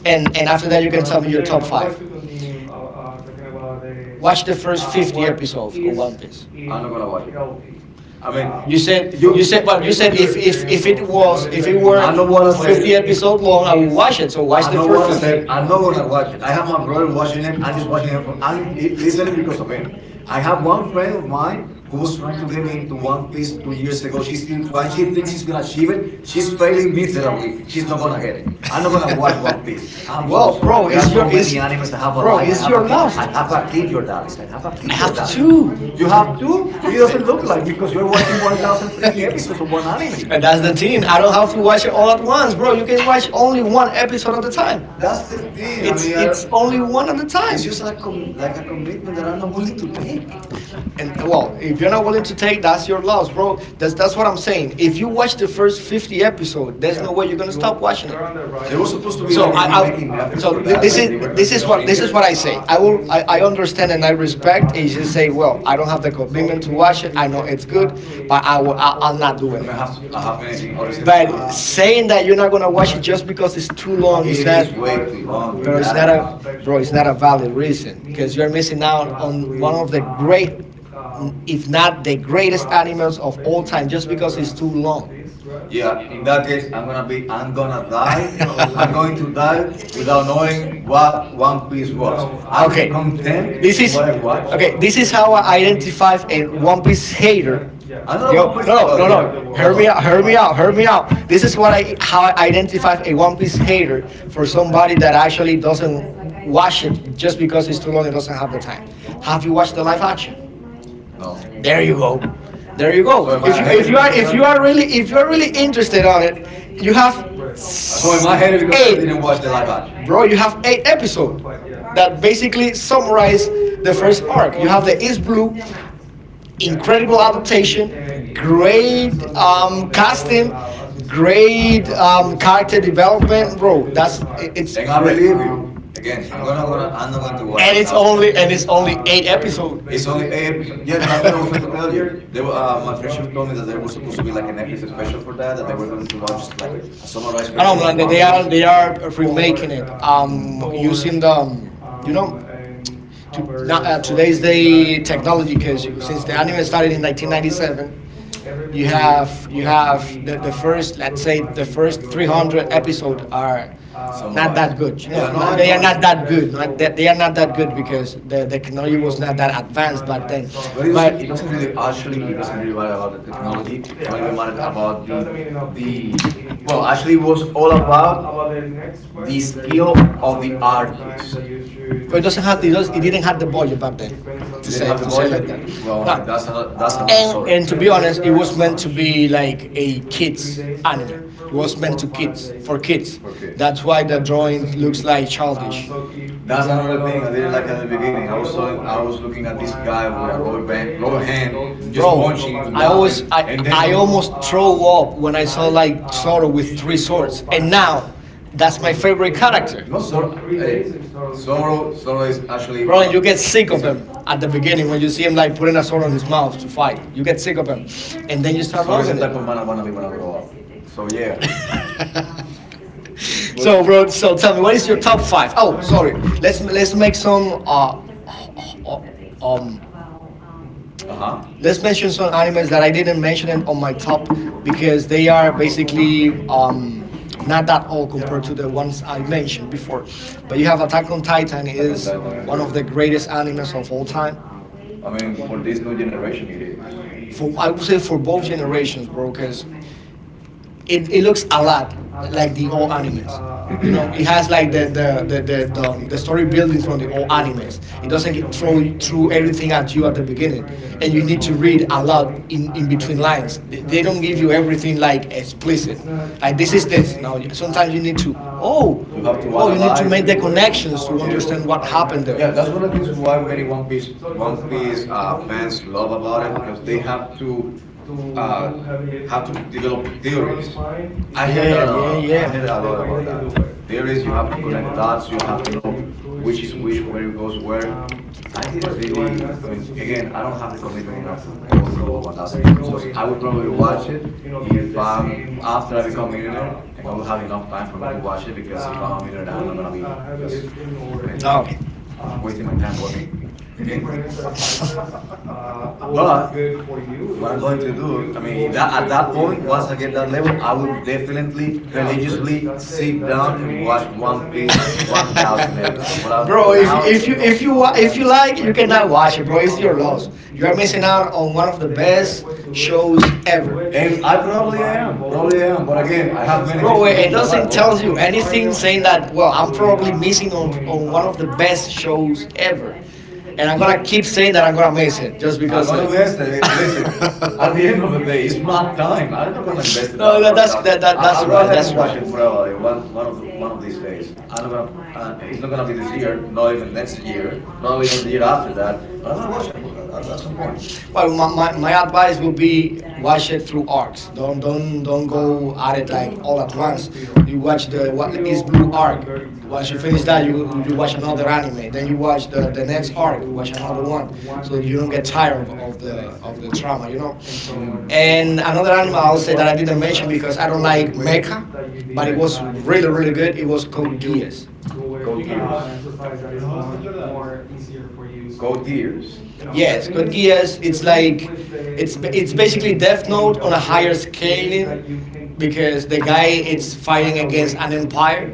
B: And and after that you can tell me your top five. Watch the first fifty episodes of One Piece.
A: I'm not gonna watch it. I mean,
B: You said
A: you,
B: you said well you said if if if it was if it were
A: I know what I said.
B: fifty episode long I would watch it. So watch
A: I
B: the
A: know what
B: first
A: I said.
B: fifty.
A: I know when I watch it. I have my brother watching it. I'm just watching it. For, I'm listening because of it. I have one friend of mine who was trying to get me into One Piece two years ago. She's still trying. She thinks she's gonna achieve it. She's failing miserably. She's not gonna get it. I'm not gonna watch One Piece. I'm so
B: Well,
A: sorry.
B: bro, it's
A: There's so
B: your
A: many
B: is,
A: animes. I have a
B: bro,
A: life. I
B: it's
A: have a
B: your
A: kid.
B: last.
A: I have a kid, your daddies. I have a
B: I
A: kid, your
B: have
A: daddies.
B: two.
A: You have two. It
B: But…
A: doesn't look like because we're watching one thousand freaking episodes of one anime.
B: And that's the thing. I don't have to watch it all at once, bro. You can watch only one episode at a time.
A: That's the thing. I
B: It's
A: mean, I,
B: it's only one at a time.
A: It's just like com- like a commitment that I'm not willing to take.
B: And well, if you're not willing to take, that's your loss, bro. That's that's what I'm saying. If you watch the first fifty episode, there's no way you're gonna stop watching it.
A: They were supposed to be
B: So
A: like a
B: I, I
A: remake in
B: so
A: Netflix for
B: th-
A: that.
B: this
A: Like
B: is
A: they were trying
B: this
A: to
B: is what
A: shrink
B: this
A: it.
B: is what I say. I will I, I understand and I respect. Is just say, well, I don't have the commitment to watch it. I know it's good, but I will I, I'm not doing
A: I mean,
B: it.
A: I have to, I have many things, other things
B: But
A: to do.
B: saying that you're not gonna watch it just because it's too long, it's
A: It
B: not,
A: is way too long, your
B: bro. It's
A: dad.
B: not a,
A: Is.
B: bro. It's not a valid reason because you're missing out on one of the great, if not the greatest animals of all time, just because it's too long.
A: Yeah, in that case, I'm gonna be, I'm gonna die. I'm going to die without knowing what One Piece was. I'm
B: Okay,
A: content
B: this
A: with
B: is
A: what I watched.
B: okay. This is how I identify a One Piece hater.
A: I'm not a
B: Yo,
A: One Piece.
B: no,
A: Well,
B: no, no,
A: yeah.
B: no. Hear
A: Hold on.
B: me out. Hear me out. Hear me out. This is what I how I identify a One Piece hater for somebody that actually doesn't watch it just because it's too long and doesn't have the time. Have you watched the live action?
A: No.
B: There
A: So
B: you go. There you go.
A: am
B: If
A: I
B: you if
A: hated
B: you are
A: because of
B: if
A: that?
B: you are really If you are really interested on it, you have
A: So am I hated because I
B: eight,
A: didn't watch the live action?
B: bro. You have eight episodes that basically summarize the first arc. You have the Is Blue, incredible adaptation, great um, casting, great um, character development, bro. That's it, it's
A: And I
B: great,
A: believe you. Again, I'm gonna, gonna I'm not going to watch
B: and
A: one
B: it's
A: thousand
B: only
A: episodes.
B: and it's only eight episodes.
A: It's only eight episodes. Yeah, that's what I was trying to tell you. They were, uh, my friend told me that there was supposed to be like an Netflix special for that, that they were going to launch like a summarized
B: I don't
A: version of
B: know.
A: One
B: They
A: Piece.
B: are they are remaking it.
A: Mm,
B: Um, using the um, you know to now, uh, today's day technology, because since the anime started in nineteen ninety-seven, you have you have the, the first, let's say the first three hundred episode are not
A: summarized.
B: that good. you know
A: Yeah, no,
B: not,
A: I
B: they are
A: know. It's,
B: not that good. Not, they, they are not that good because the, the technology was not that advanced back then,
A: but it
B: but
A: doesn't, it doesn't really actually it doesn't really matter about the technology. Not even matter about the, the well, actually, it was all about the skill of the artist.
B: it doesn't have it, does, it didn't have the budget back then to
A: They didn't
B: say
A: have the
B: to say
A: budget.
B: like that.
A: Well,
B: No.
A: that's another, that's another
B: And
A: story.
B: and to be honest, it was meant to be like a kids anime. It was meant to kids, for kids.
A: Okay.
B: That's why the drawing looks like childish,
A: That's another thing. Like at the beginning, I was telling, I was looking at this guy with a rubber band, rubber hand, just
B: bro.
A: punching, and
B: I
A: laughing.
B: always i
A: And
B: i almost throw up when I saw like Zoro with three swords, and now that's my favorite character.
A: no, Zoro, hey, Zoro, Zoro is actually
B: Bro,
A: one. Of,
B: you get sick of him at the beginning, when you see him like putting a sword on his mouth to fight, you get sick of him, and then you start
A: Zoro is the
B: loving it.
A: type of man I want to be when I grow up. So yeah,
B: So, bro, so tell me, what is your top five? Oh, sorry. Let's let's make some. Uh,
A: uh huh.
B: let's mention some animes that I didn't mention it on my top, because they are basically um not that old compared to the ones I mentioned before. But you have Attack on Titan is one of the greatest animes of all time.
A: I mean, for this new generation, yeah.
B: For, I would say for both generations, bro, because it, it looks a lot like the old animes. You know, it has like the the the the, the, um, the story building from the old animes. It doesn't get throw through everything at you at the beginning, and
A: Mm,
B: you need to read a lot in in between lines. They, they don't give you everything like explicit. Like this is this. Now sometimes you need to oh
A: you have to
B: oh, you need to
A: analyze.
B: make the connections to
A: Yeah,
B: understand what happened there.
A: yeah. That's one of the things why many One Piece, One Piece uh, fans love about it because they have to uh, have to develop theories. I heard
B: Yeah,
A: that
B: yeah, yeah.
A: uh, a lot about that. There is you have to connect the dots. You have to know which is which, where goes where. I didn't really. I mean, again, I don't have the commitment enough to go through a one thousand episodes. I would probably watch it if I'm after I become millionaire, and I will have enough time for me to watch it because if I'm a millionaire, I'm not gonna be just I mean,
B: Okay,
A: wasting my time working again. But what I'm going to do, I mean, if I- at that point, once I get that level, I will definitely religiously sit down and watch One Piece for one thousand episodes. What I'll do
B: bro. If
A: now,
B: if you if you wa- if you like, you cannot watch it, bro. It's your loss. You are missing out on one of the best shows ever.
A: and I probably am, probably am, but again, I have very
B: Bro, and nothing tells you anything, saying that, well, I'm probably missing on, on one of the best shows ever. And I'm
A: different-
B: going to
A: yeah,
B: keep saying that I'm going to miss it just
A: I'm
B: because. Uh,
A: gonna mess. Eh, listen, at the end of the day, it's my time. I'm not gonna invest in
B: no,
A: that
B: that,
A: one
B: that's,
A: thousand.
B: that, that,
A: I-
B: that's
A: I'll go
B: right.
A: ahead and
B: That's
A: watch
B: right.
A: it probably one one of the one of these days. I'm not gonna. Uh, it's not gonna be this year. Not even next year. Probably not the year after that. But I'm gonna watch it at, at, at some point.
B: Well, my, my, my advice would be watch it through arcs. Don't don't don't go at it like all at once. You watch the what is blue arc. Once you finish that, you you watch another anime. Then you watch the the next arc. Watch another one, so you don't get tired of, of the of the trauma. You know. And another anime I'll say that I didn't mention, because I don't like mecha, but it was really really good. It was Code Geass.
A: Code Gear. Code Gear.
B: Yes, Code Geass. It's like it's ba- it's basically Death Note on a higher scaling, because the guy it's fighting against an empire.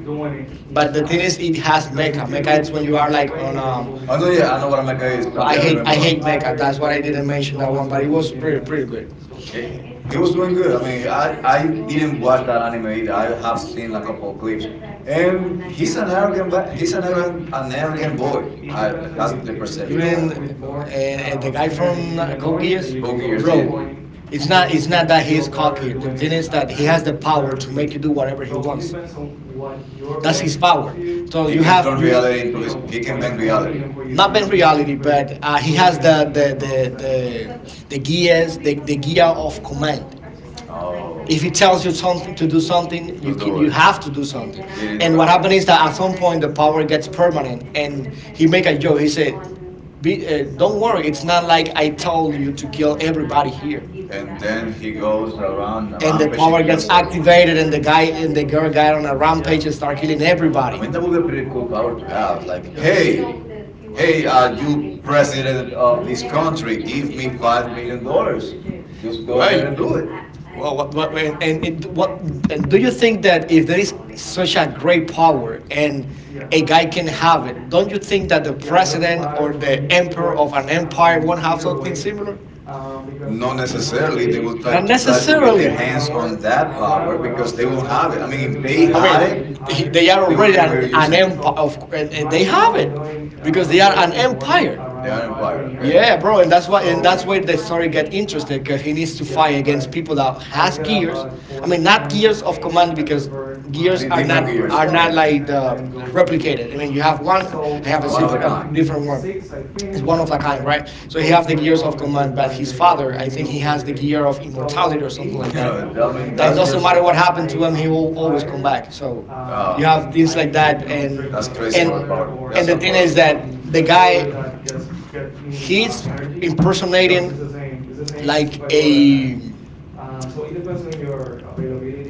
B: But the thing is, it has mecha. Mecha it's when you are like on um.
A: Oh no, yeah, I know what Mecha is.
B: So
A: Oh,
B: I
A: yeah, I
B: hate
A: remember
B: I
A: what.
B: hate mecha. That's why I didn't mention that one. But it was pretty pretty good.
A: It, it it was doing good. I mean, I, I didn't watch the anime. I have seen a couple of clips. And he's an arrogant, ba- he's an arrogant, an arrogant boy. I, that's the
B: You
A: perception I had
B: mean
A: of him.
B: uh, uh, the guy from uh, Code Geass,
A: Go Gears it,
B: bro? It's not it's not that he's cocky. The thing is that he has the power to make you do whatever he wants. That's
A: and
B: his power. So
A: he
B: you
A: can
B: have
A: turn
B: you
A: reality into his. He can bend reality.
B: not been reality, but uh, he has the the the the the gears, the, the gear of command. If
A: Oh,
B: he tells you something to do something, you
A: you'll
B: ki-
A: do
B: you
A: it.
B: have to do something.
A: It is
B: And what
A: okay.
B: happened is that at some point the power gets permanent, and he make a joke. He said, Be, uh, "Don't worry, it's not like I told you to kill everybody here."
A: And then he goes around and
B: And the
A: rampage and
B: power gets
A: kills everyone.
B: activated, and the guy and the girl got on a rampage and start killing
A: I
B: everybody.
A: mean, that would be a pretty cool power to have. Like, hey, hey, uh, you president of this country, give me five million dollars. Just go
B: Well,
A: ahead and do it.
B: well, what, what and, and it, what, and do you think that if there is such a great power and a guy can have it, don't you think that the president or the emperor of an empire won't have something similar?
A: Not necessarily they will try
B: Not
A: to try to get
B: necessarily.
A: their hands on that power because they won't have it. I mean, if they
B: I mean,
A: had it,
B: he- they are
A: they
B: already
A: already
B: an,
A: were
B: an
A: using it.
B: empire, of, cou- and, and they have it because they are an empire.
A: They are an empire, okay?
B: Yeah, bro, and that's why, and that's where the story get interested, because he needs to fight against people that has gears. I mean, not gears of command, because gears
A: D-
B: are not
A: different gears,
B: are
A: I
B: not
A: get it.
B: like the, the replicated. I mean, you have one, I have a
A: One of the
B: different, a
A: kind.
B: different one. It's one of a kind, right? So he have the gears of command, but his father, I think he has the gear of immortality or something
A: Yeah,
B: like that.
A: I mean,
B: That it
A: that's
B: doesn't
A: just
B: matter what happened to him, he will always come back. So
A: uh,
B: you have things like that, and
A: that's crazy
B: and
A: overpowered.
B: and
A: That's
B: the
A: a
B: thing
A: power.
B: is that the guy he's impersonating like a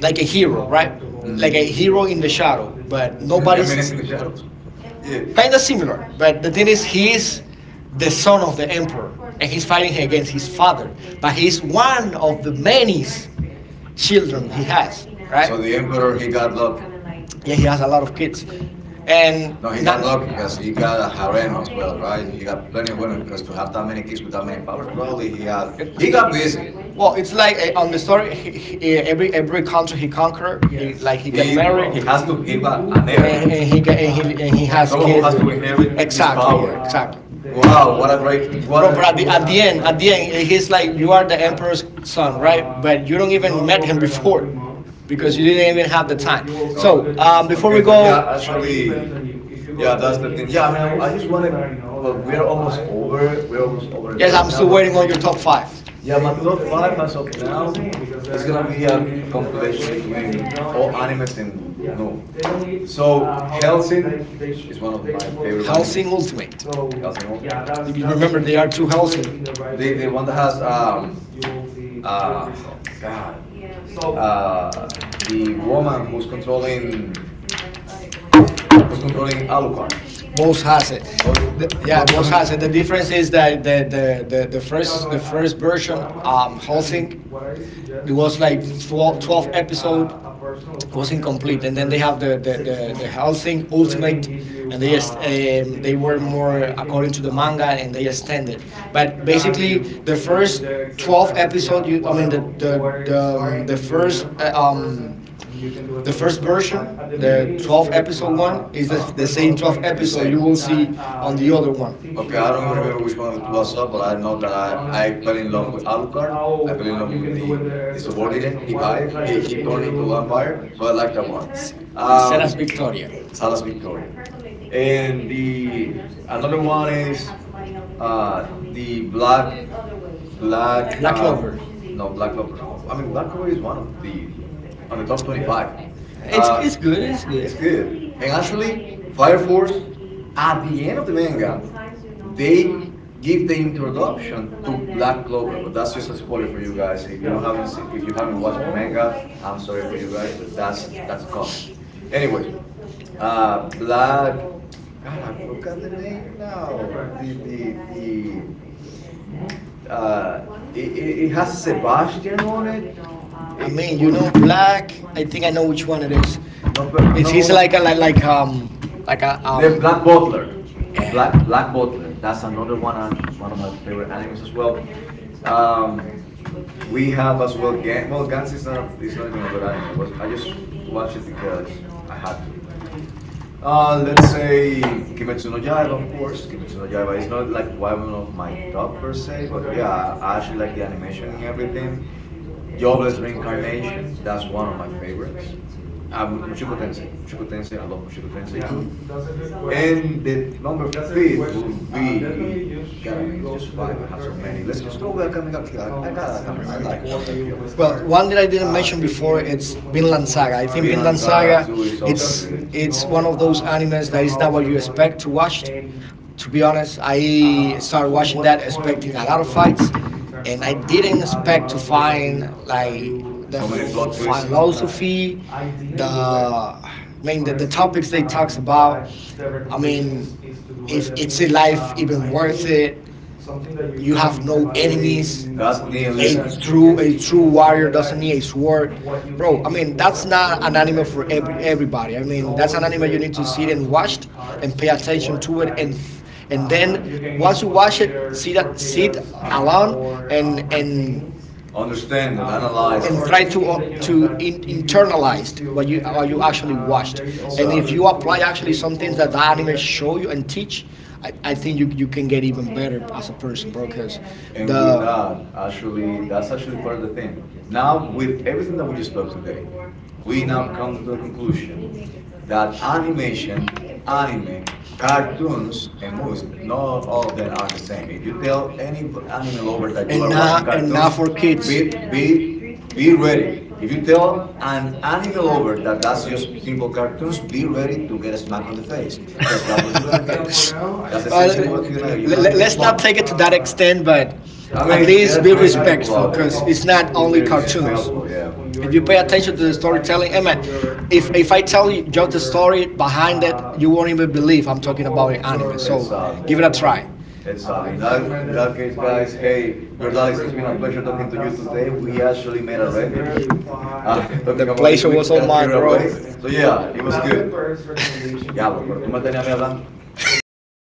B: like a hero, right?
A: Mhm.
B: Like a hero in the shadow, but
A: I
B: nobody's
A: mean, it's in the shadows. Yeah.
B: kind of similar. But the thing is, he's the son of the emperor, and he's fighting against his father. But he's one of the many s- children he has, right?
A: So the emperor he got lucky.
B: Yeah, he has a lot of kids, and
A: No, he
B: not,
A: got lucky because he got a harem as well, right? He got plenty of women because to have that many kids with that many powers, probably he had. He got busy.
B: well, it's like uh, on the story, he, he, eh, every every country he conquer, he like he
A: He
B: get
A: he
B: married,
A: has to give an heir,
B: and, and he get and he and he has
A: someone who
B: kids.
A: has
B: With.
A: to inherit his
B: Exactly, yeah,
A: power.
B: exactly.
A: Wow, what a great, what
B: Bro.
A: a.
B: But at the at the end, at the end, he's like, you are the emperor's son, right? But you don't even met him before, because you didn't even have the time.
A: All
B: So
A: right,
B: um, before we
A: okay, but
B: go,
A: yeah, actually, yeah, that's the thing. Yeah, I, mean, I just wanted. Well, we're almost over, we're almost
B: yes,
A: over.
B: I'm still waiting on your top five.
A: Yeah, my top five as of now is gonna be a compilation between all anime. No, so Hellsing is one of my favorite anime
B: Helsing Ultimate.
A: because all the
B: You can remember, they are two Helsing.
A: The, one that has um uh God uh the woman who's controlling controlling Alucard.
B: Both has it.
A: Oh,
B: The- yeah,
A: oh
B: both has it. The difference is that the the, the, the first the first version um Helsing, it was like twelve, twelve episode, was incomplete, and then they have the the, the, the Helsing ultimate, and they just um, they were more according to the manga, and they extended, but basically the first twelve episode, you I mean the the the, um, the first uh, um the first version,
A: mhm.
B: the twelve episode one is
A: Uh,
B: the, the same twelve
A: it's
B: episode
A: the same.
B: you will see on the other one.
A: Okay, I don't even remember which one of it was up, but I know that I, I fell in love with Alucard. I fell in love with the, the subordinate he hired. He, he turned into a vampire, so I like that one. Um,
B: Seras Victoria.
A: Salas Victoria. And another one is uh, the Black Black.
B: Black
A: Uh,
B: Clover.
A: no, Black. Clover- I mean, Black Clover is one of the on the top twenty-five.
B: It's
A: Uh,
B: it's good it's good.
A: it's good. And actually, Fire Force, at the end of the manga, they give the introduction to Black Clover. But that's just a spoiler for you guys. If you haven't, if you haven't watched the
B: Oh.
A: manga, I'm sorry for you guys. That's, that's coming. Anyway, uh, Black. God, I forgot the name now. The, the, uh, it, it, it has Sebastian on it.
B: I
A: It-
B: mean, you know, black. I think I know which one it is.
A: no, but-
B: It's he's like a- like like um like a um
A: the Black Clover.
B: the, yeah.
A: Black and Black Gold, that's another one I I want to
B: It's
A: favorite albums as well. Um, we have as we end on that, um, it's not even good. I just watched it because I had to. Uh, let's say Kimetsu no Yaiba, of course. Kimetsu no Yaiba is not like one of my top per se, but yeah, I actually like the animation and everything. Jobless Reincarnation, that's one of my favorites. Um, Mushoku Tensei, Mushoku Tensei, I love Mushoku Tensei too. And the number fifth would be gotta make it just five. I have so many. Let's just go with a Akame Kill. I, I, got,
B: I
A: like I
B: remember it.
A: like a ga Kill.
B: Well, one that I didn't mention before, it's Vinland Saga. I think
A: Villain
B: Vinland
A: Saga
B: Saga,
A: two is also good.
B: it's it's one of those animes that is not what you expect to watch. To be honest, I started watching that expecting a lot of fights, and I didn't expect to find like the
A: So many plot twists.
B: philosophy, the I mean the, the topics they talks about. I mean, if it's a life even worth it? You have no enemies.
A: That's
B: A
A: nihilism.
B: true a true warrior doesn't need a sword, bro. I mean, that's not an anime for every everybody. I mean, that's an anime you need to sit and watch and pay attention to it, and th- and then once you watch it, sit a- sit alone, and and
A: Understand it, analyze
B: and
A: it.
B: try to uh, to in, internalize what you what you actually watched,
A: It's
B: and
A: uh,
B: if you apply actually some things that the anime show you and teach, i, I think you, you can get even better as a person, bro, because
A: and with
B: the.
A: that, actually, that's actually part of the thing. Now, with everything that we just talked today, we now come to the conclusion that animation, anime, cartoons, and movies, not all of them are the same. If you tell any v- anime lover that you
B: And
A: are watching
B: not, and
A: cartoons,
B: not for
A: be
B: kids.
A: it, be Be ready. If you tell an animal lover that that's just simple cartoons, be ready to get a smack on the face because that's what you're gonna get. That's
B: Well,
A: essentially what's gonna you're
B: let,
A: gonna
B: let,
A: get
B: us not
A: punched.
B: take it to that extent, but
A: I
B: at
A: mean, there
B: least
A: are
B: be
A: crazy people
B: respectful,
A: out there.
B: because
A: It's,
B: it's not
A: it's
B: only
A: better to spell
B: cartoons.
A: for yeah.
B: If you pay attention to the storytelling, and man, if, if I tell you just the story behind it, you won't even believe I'm talking about an anime.
A: It's
B: So
A: sad,
B: give it
A: isn't
B: a
A: it?
B: try.
A: It's sad. In that in that case, guys, hey, your dad is he actually made a record, uh,
B: The, the
A: talking about
B: pleasure
A: his week,
B: was all
A: got
B: mine,
A: carried away.
B: bro.
A: So yeah, it was good. Yeah,